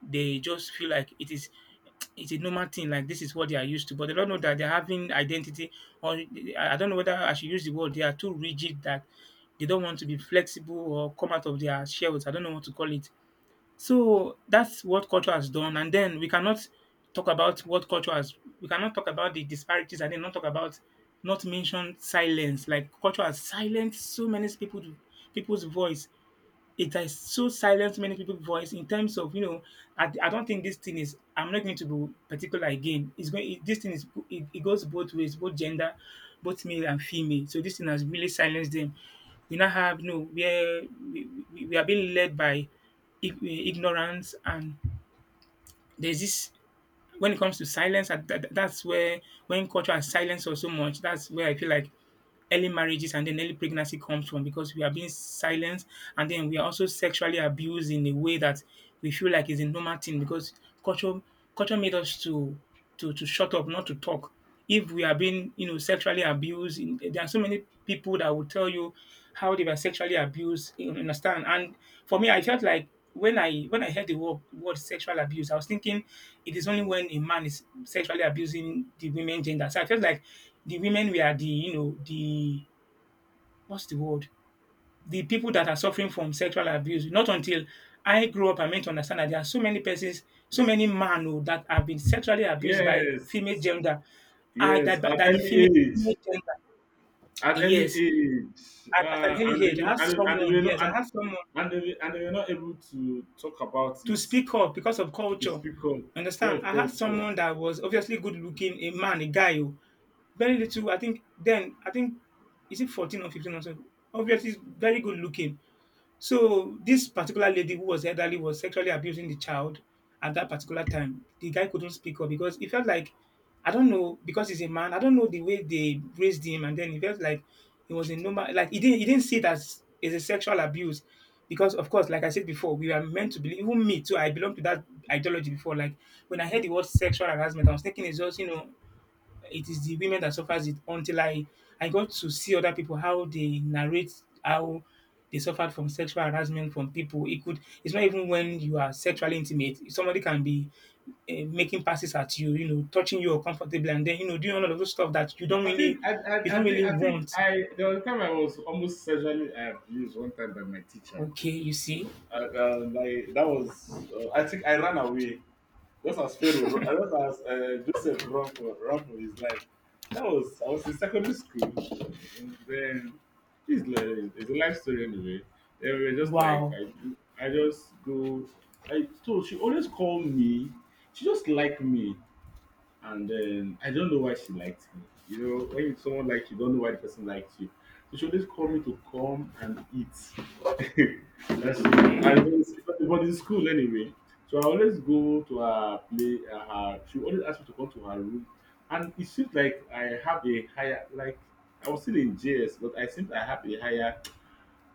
S2: they just feel like it's a normal thing. Like, this is what they are used to, but they don't know that they're having identity, or I don't know whether I should use the word. They are too rigid that they don't want to be flexible or come out of their shells. I don't know what to call it. So that's what culture has done. And then we cannot talk about what culture has we cannot talk about the disparities, and then not talk about not mention silence. Like, culture has silenced so many people's voice. It has so silenced many people's voice in terms of, I don't think I'm not going to be particular again. It's going, it, this thing is, it goes both ways, both gender, both male and female. So this thing has really silenced them. We now have, where we are being led by ignorance. And there's this, when it comes to silence, that's where when culture has silenced us so much, that's where I feel like early marriages and then early pregnancy comes from, because we are being silenced, and then we are also sexually abused in a way that we feel like is a normal thing because culture culture made us to shut up, not to talk. If we are being, sexually abused, in, there are so many people that will tell you how they were sexually abused. You understand? And for me, I felt like when I heard the word sexual abuse, I was thinking it is only when a man is sexually abusing the women gender. So I felt like the women were the, the what's the word, the people that are suffering from sexual abuse. Not until I grew up, I meant to understand that there are so many persons, so many men, oh, that have been sexually abused by
S1: Yes,
S2: female gender. I
S1: yes.
S2: that female gender.
S1: At early
S2: Yes,
S1: age,
S2: at an early age, I have
S1: and they
S2: someone.
S1: were not,
S2: Yes, I have someone
S1: and they were not able to talk about
S2: to
S1: it,
S2: speak up because of
S1: to
S2: culture.
S1: speak up, go
S2: Understand?
S1: of
S2: I had
S1: culture.
S2: someone that was obviously good looking, a man, a guy, oh, very little. I think then I think, is it 14 or 15 or something? Obviously, he's very good looking. So this particular lady who was elderly was sexually abusing the child at that particular time. The guy couldn't speak up because he felt like, I don't know, because he's a man. I don't know the way they raised him, and then he felt like it was a normal. Like he didn't see it as is a sexual abuse because of course, like I said before, we are meant to believe. Even me too, I belong to that ideology before. Like when I heard the word sexual harassment, I was thinking it's just, it is the women that suffers it, until I got to see other people, how they narrate how they suffered from sexual harassment from people. It could, it's not even when you are sexually intimate. Somebody can be uh, making passes at you, you know, touching you uncomfortably, and then, you know, doing all of those stuff that you don't
S1: I
S2: really
S1: think I think I think
S2: want.
S1: I there was a time I was almost sexually abused one time by my teacher.
S2: Okay, you see,
S1: Like that was, I think I ran away just as Pharaoh, just as Joseph run for run for his life. That was I was in secondary school. Uh, and then it's like it's a life story anyway. Then we were just like
S2: wow.
S1: I just go. I told she always called me. She just liked me and then I don't know why she liked me. You know, when you- someone likes you, don't know why the person likes you. So she always called me to come and eat. That she, I don't. But in school anyway. So I always go to her play. She always asked me to come to her room, and it seems like I have a higher, like I was still in JS, but I seem I have a higher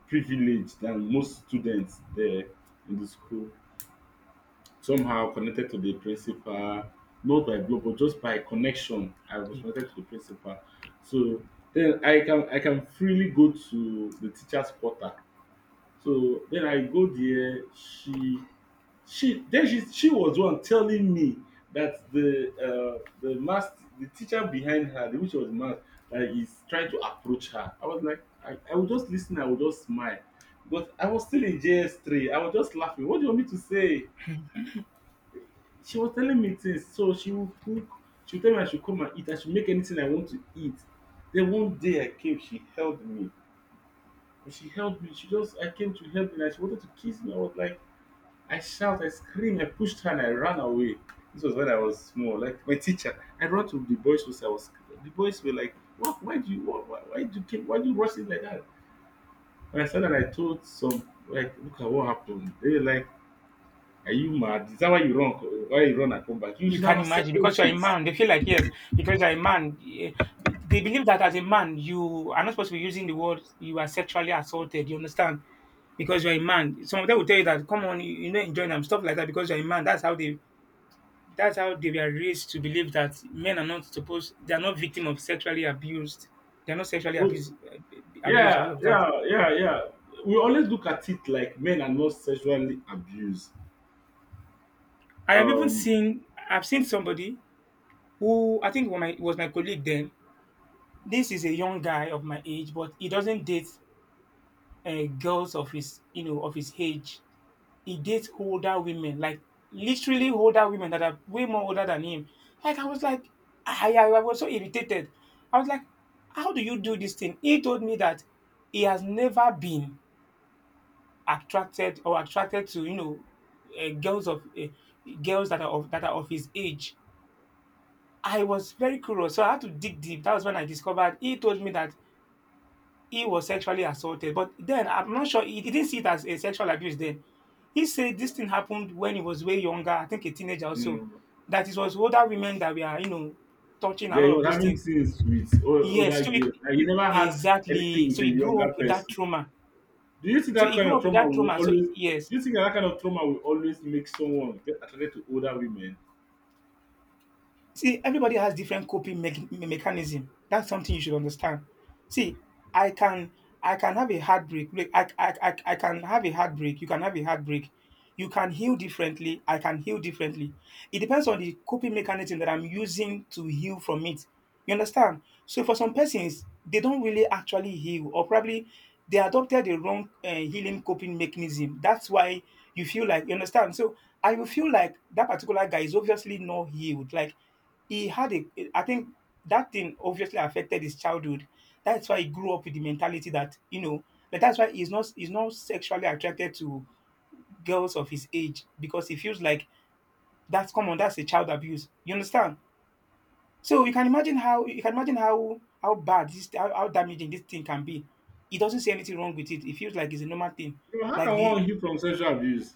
S1: privilege than most students there in the school, somehow connected to the principal, not by blood, but just by connection. I was connected to the principal. So then I can freely go to the teacher's quarter. So then I go there. She was the one telling me that the teacher behind her, the which was math, that is trying to approach her. I was like, I would just listen, I would just smile. But I was still in JS3. I was just laughing. What do you want me to say? She was telling me things, so she would cook, she would tell me I should come and eat, I should make anything I want to eat. Then one day I came, she held me. When she held me, she just I came to help me and she wanted to kiss me. I was like, I shout, I scream, I pushed her and I ran away. This was when I was small, like my teacher. I ran to the boys' house. I was the boys were like, "What? Why do you why do you rush in like that?" And I said that I told some like look at what happened. They were like, "Are you mad? Is that why you run, and come back? You
S2: You
S1: should have
S2: can imagine
S1: accepted
S2: because you're a
S1: it."
S2: man. They feel like yes, because you're a man. They believe that as a man, you are not supposed to be using the word you are sexually assaulted. You understand? Because you're a man. Some of them will tell you that, come on, you know, enjoying them, stuff like that, because you're a man. That's how they. That's how they were raised to believe that men are not supposed. They are not victim of sexually abused. They are not sexually
S1: Oh.
S2: abused. Abused, all
S1: Yeah,
S2: of that.
S1: yeah, yeah, yeah. We always look at it like men are not sexually abused.
S2: I have even
S1: Um,
S2: seen, I've seen somebody who I think was my colleague then. This is a young guy of my age, but he doesn't date girls of his, you know, of his age. He dates older women, like literally older women that are way more older than him. Like I was like, I was so irritated. I was like, how do you do this thing? He told me that he has never been attracted, or attracted to girls of, girls that are of, that are of his age. I was very curious, so I had to dig deep. That was when I discovered, he told me that he was sexually assaulted. But then I'm not sure, he didn't see it as a sexual abuse then. He said this thing happened when he was way younger, I think a teenager also.
S1: mm,
S2: That it was older women that were, you know, touching a
S1: yeah, he
S2: lot of
S1: was
S2: those
S1: having
S2: things.
S1: things with other
S2: Yes, so it,
S1: girls, and he never had anything
S2: exactly.
S1: with
S2: So
S1: a
S2: he grew
S1: younger
S2: up with that
S1: person.
S2: trauma.
S1: Do you think
S2: So
S1: that
S2: he
S1: kind
S2: grew
S1: of
S2: up with
S1: trauma
S2: that
S1: will
S2: trauma. So
S1: always?
S2: yes.
S1: Do you think that kind of trauma will always make someone get attracted to older women?
S2: See, everybody has different coping mechanism. That's something you should understand. See, I can, I can have a heartbreak. Look, I can have a heartbreak. You can have a heartbreak. You can heal differently. I can heal differently. It depends on the coping mechanism that I'm using to heal from it. You understand? So for some persons, they don't really actually heal, or probably they adopted the wrong healing coping mechanism. That's why you feel like, you understand. So I will feel like that particular guy is obviously not healed. Like he had a, I think that thing obviously affected his childhood. That's why he grew up with the mentality that, you know, like that's why he's not sexually attracted to girls of his age, because he feels like that's common. That's a child abuse. You understand? So you can imagine how, how bad this, how damaging this thing can be. He doesn't see anything wrong with it. It feels like it's a normal thing.
S1: You know, how
S2: Like
S1: can
S2: the
S1: one heal from sexual abuse?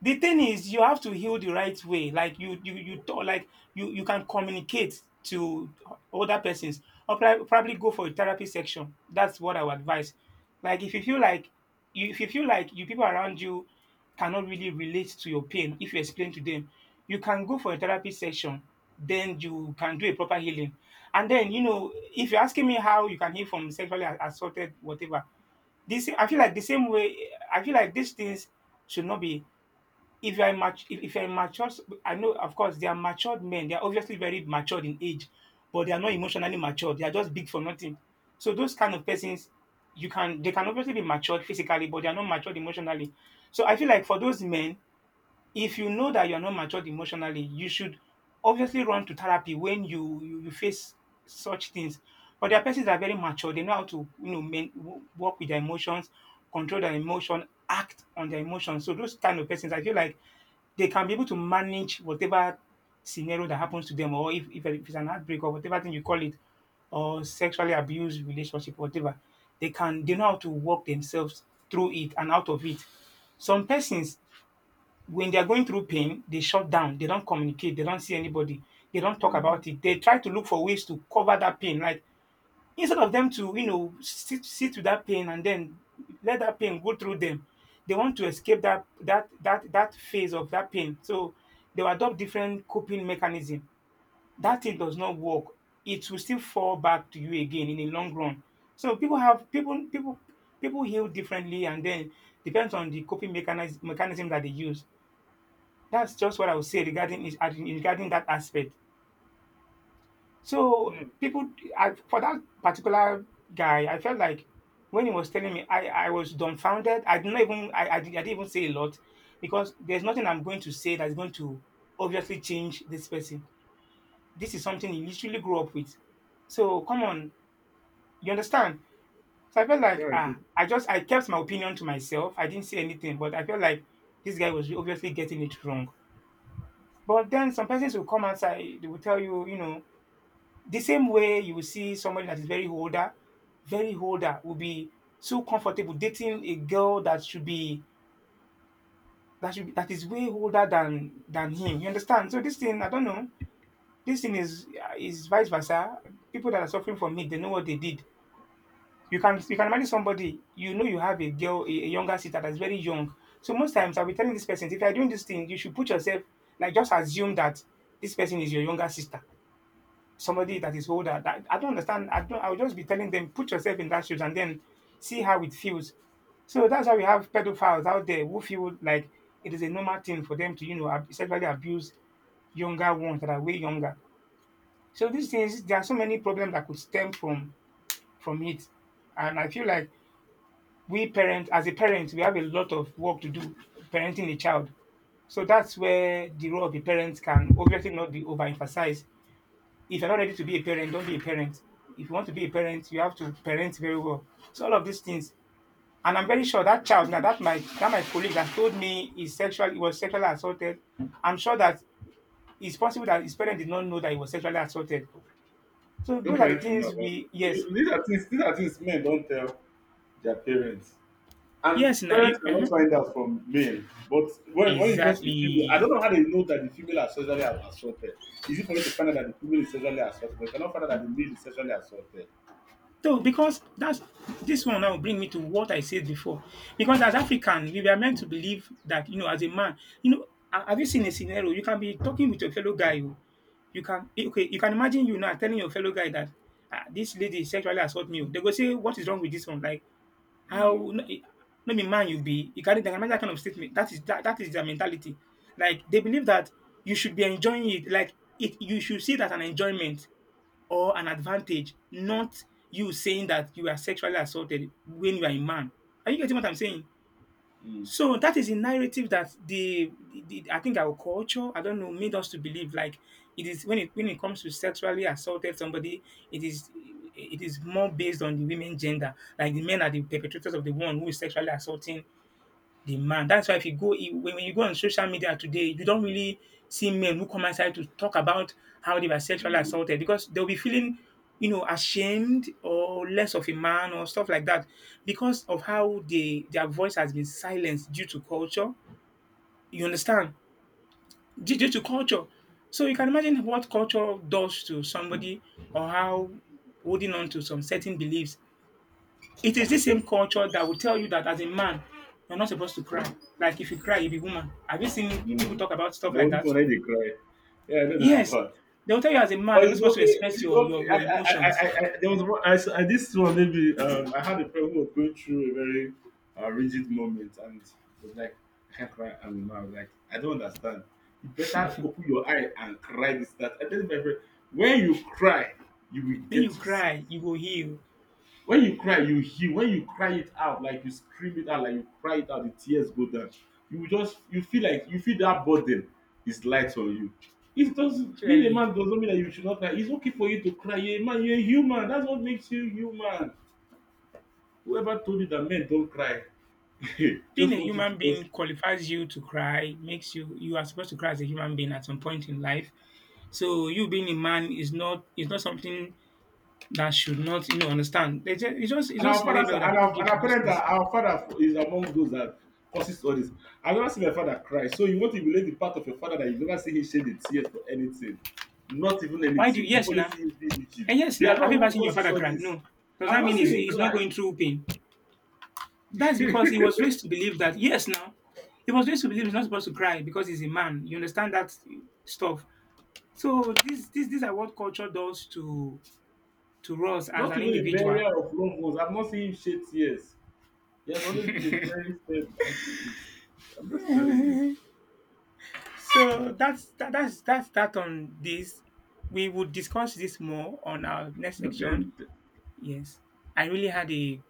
S2: the thing is, you have to heal the right way. Like you talk, like you can communicate to other persons, or probably go for a therapy section. That's what I would advise. Like if you feel like you if you feel like, you, people around you cannot really relate to your pain, if you explain to them, you can go for a therapy session. Then you can do a proper healing. And then, you know, if you're asking me how you can heal from sexually assaulted, whatever, this, I feel like the same way, I feel like these things should not be. If you are immature, if you are mature, I know, of course, they are matured men. They are obviously very matured in age, but they are not emotionally matured. They are just big for nothing. So those kind of persons, you can, they can obviously be matured physically, but they are not matured emotionally. So I feel like for those men, if you know that you are not matured emotionally, you should obviously run to therapy when you face such things. But there are persons that are very mature. They know how to, you know, men, work with their emotions, control their emotion, act on their emotions. So those kind of persons, I feel like they can be able to manage whatever scenario that happens to them, or if it's an outbreak or whatever thing you call it, or sexually abused relationship, whatever, they can, they know how to work themselves through it and out of it. Some persons, when they are going through pain, they shut down. They don't communicate. They don't see anybody. They don't talk
S1: Mm.
S2: about it. They try to look for ways to cover that pain. Like instead of them to, you know, sit with that pain and then let that pain go through them, they want to escape that phase of that pain. So they will adopt different coping mechanism. That thing does not work. It will still fall back to you again in the long run. So people have people people people heal differently, and then depends on the coping mechanism that they use. That's just what I would say regarding regarding that aspect. So
S1: Mm,
S2: people, I, for that particular guy, I felt like when he was telling me, I was dumbfounded. I didn't even I didn't even say a lot, because there's nothing I'm going to say that's going to obviously change this person. This is something he literally grew up with. So come on, you understand? So I felt
S1: yeah,
S2: like
S1: I do.
S2: ah, I just, I kept my opinion to myself. I didn't say anything, but I felt like this guy was obviously getting it wrong. But then some persons will come outside, they will tell you, you know, the same way you will see somebody that is very older will be so comfortable dating a girl that should be, that is way older than him. You understand? So this thing, I don't know. This thing is vice versa. People that are suffering from it, they know what they did. You can, you can marry somebody, you know, you have a girl, a younger sister that's very young. So most times I'll be telling this person, if you're doing this thing, you should put yourself like, just assume that this person is your younger sister, somebody that is older. That I don't understand. I don't. I would just be telling them, put yourself in that shoes and then see how it feels. So that's why we have pedophiles out there, who feel like it is a normal thing for them to, you know, sexually abuse younger ones that are way younger. So these things, there are so many problems that could stem from it, and I feel like we parents, as a parent, we have a lot of work to do parenting a child. So that's where the role of the parents can obviously not be overemphasized. If you're not ready to be a parent, don't be a parent. If you want to be a parent, you have to parent very well. So all of these things. And I'm very sure that child now that my colleague has told me is sexual he was sexually assaulted. I'm sure that it's possible that his parents did not know that he was sexually assaulted. So
S1: Your
S2: those are the
S1: parents should know
S2: things
S1: about
S2: we
S1: it.
S2: yes.
S1: You- these are things. These are things men don't tell their parents. And
S2: Yes now
S1: parents
S2: you,
S1: cannot
S2: uh-huh.
S1: find out from male. But when it comes to the female, I don't
S2: Exactly.
S1: know how they know that the female are sexually assaulted. Is it for you to find out that the female is sexually assaulted? But you cannot find out that the male is sexually assaulted.
S2: So because that's this one now bring me to what I said before. Because as African, we were meant to believe that, as a man, you know, ha- have you seen a scenario? You can be talking with your fellow guy. Oh. You can okay, you can imagine you now telling your fellow guy that ah, this lady sexually assault me. Oh. They go say, "What is wrong with this one?" Like,
S1: Mm,
S2: how no, eh, no be man you be. You can they can imagine that kind of statement. That is that is their mentality. Like they believe that you should be enjoying it, like it you should see that an enjoyment or an advantage, not you saying that you are sexually assaulted when you are a man. Are you getting what I'm saying?
S1: mm,
S2: So that is a narrative that the I think our culture, I don't know, made us to believe like it is when it comes to sexually assaulted somebody, it is more based on the women gender. Like the men are the perpetrators of the one who is sexually assaulting the man. That's why if you go when you go on social media today, you don't really see men who come outside to talk about how they were sexually
S1: mm,
S2: assaulted because they'll be feeling, ashamed or less of a man or stuff like that because of how they their voice has been silenced due to culture. You understand? Due to culture. So you can imagine what culture does to somebody or how holding on to some certain beliefs it is this same culture that will tell you that as a man, you're not supposed to cry. Like if you cry, you'll be woman. Have you seen people
S1: mm.
S2: talk about stuff
S1: The
S2: like
S1: only
S2: that?
S1: one they cry. Yeah, I know that
S2: Yes.
S1: part.
S2: They'll tell you as a man,
S1: But
S2: you're not
S1: it's
S2: supposed to
S1: okay.
S2: express
S1: It's
S2: your,
S1: okay.
S2: your, your emotions.
S1: There was one, this one maybe I had a friend who was going through a very rigid moment and was like, "I can't cry." And I was like, "I don't understand. You better open your eye and cry this that." I tell my friend, when you cry, you will
S2: When you
S1: get yourself.
S2: cry, you will heal.
S1: When you cry, you heal. When you cry it out, like you scream it out, like you cry it out, the tears go down. You just you feel like you feel that burden is light on you. It doesn't being a man
S2: Clearly.
S1: doesn't mean that you should not cry. It's okay for you to cry. You're a man, you're a human. That's what makes you human. Whoever told you that men don't cry
S2: Being
S1: just
S2: a
S1: want you to
S2: human
S1: just.
S2: being qualifies you to cry, makes you you are supposed to cry as a human being at some point in life. So you being a man is not something that should not you know understand. They just, it's just it's
S1: And our
S2: just
S1: fathers
S2: label
S1: are-
S2: that people give
S1: and our
S2: to these
S1: parents are
S2: things.
S1: our father is among those that causes all this. I've never seen my father cry. So you want to relate the part of your father that you've never seen him shed a tears for anything. Not even
S2: Why do
S1: anything. You've
S2: yes
S1: only
S2: now?
S1: seen him be rigid.
S2: And yes,
S1: They are
S2: now, have
S1: not
S2: you
S1: who
S2: ever seen your
S1: causes
S2: father
S1: all
S2: cry?
S1: this.
S2: No. Does
S1: I've
S2: that
S1: not
S2: mean
S1: seen him
S2: he's
S1: cry.
S2: not going through pain? That's because he was raised to believe that, yes, now, he was raised to believe he's not supposed to cry because he's a man. You understand that stuff. So these are what culture does to us as
S1: Not
S2: an
S1: even a
S2: individual.
S1: burial of loved ones. I've not seen him shed tears. He has always been a very fair light piece. I'm just telling you.
S2: So that's that's that on this. We would discuss this more on our next section.
S1: Okay.
S2: Yes, I really had a g-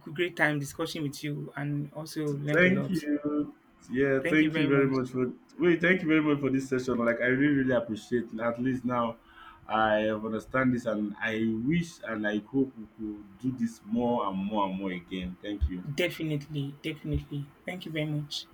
S2: great time discussing with you and also learned a
S1: Thank
S2: lot.
S1: you. Yeah,
S2: Thank you
S1: thank you
S2: very
S1: very
S2: much.
S1: much for wait, thank you very much for this session. Like I really, really appreciate it. At least now I have understand this and I wish and I hope we could do this more and more and more again. Thank you.
S2: Definitely. Thank you very much.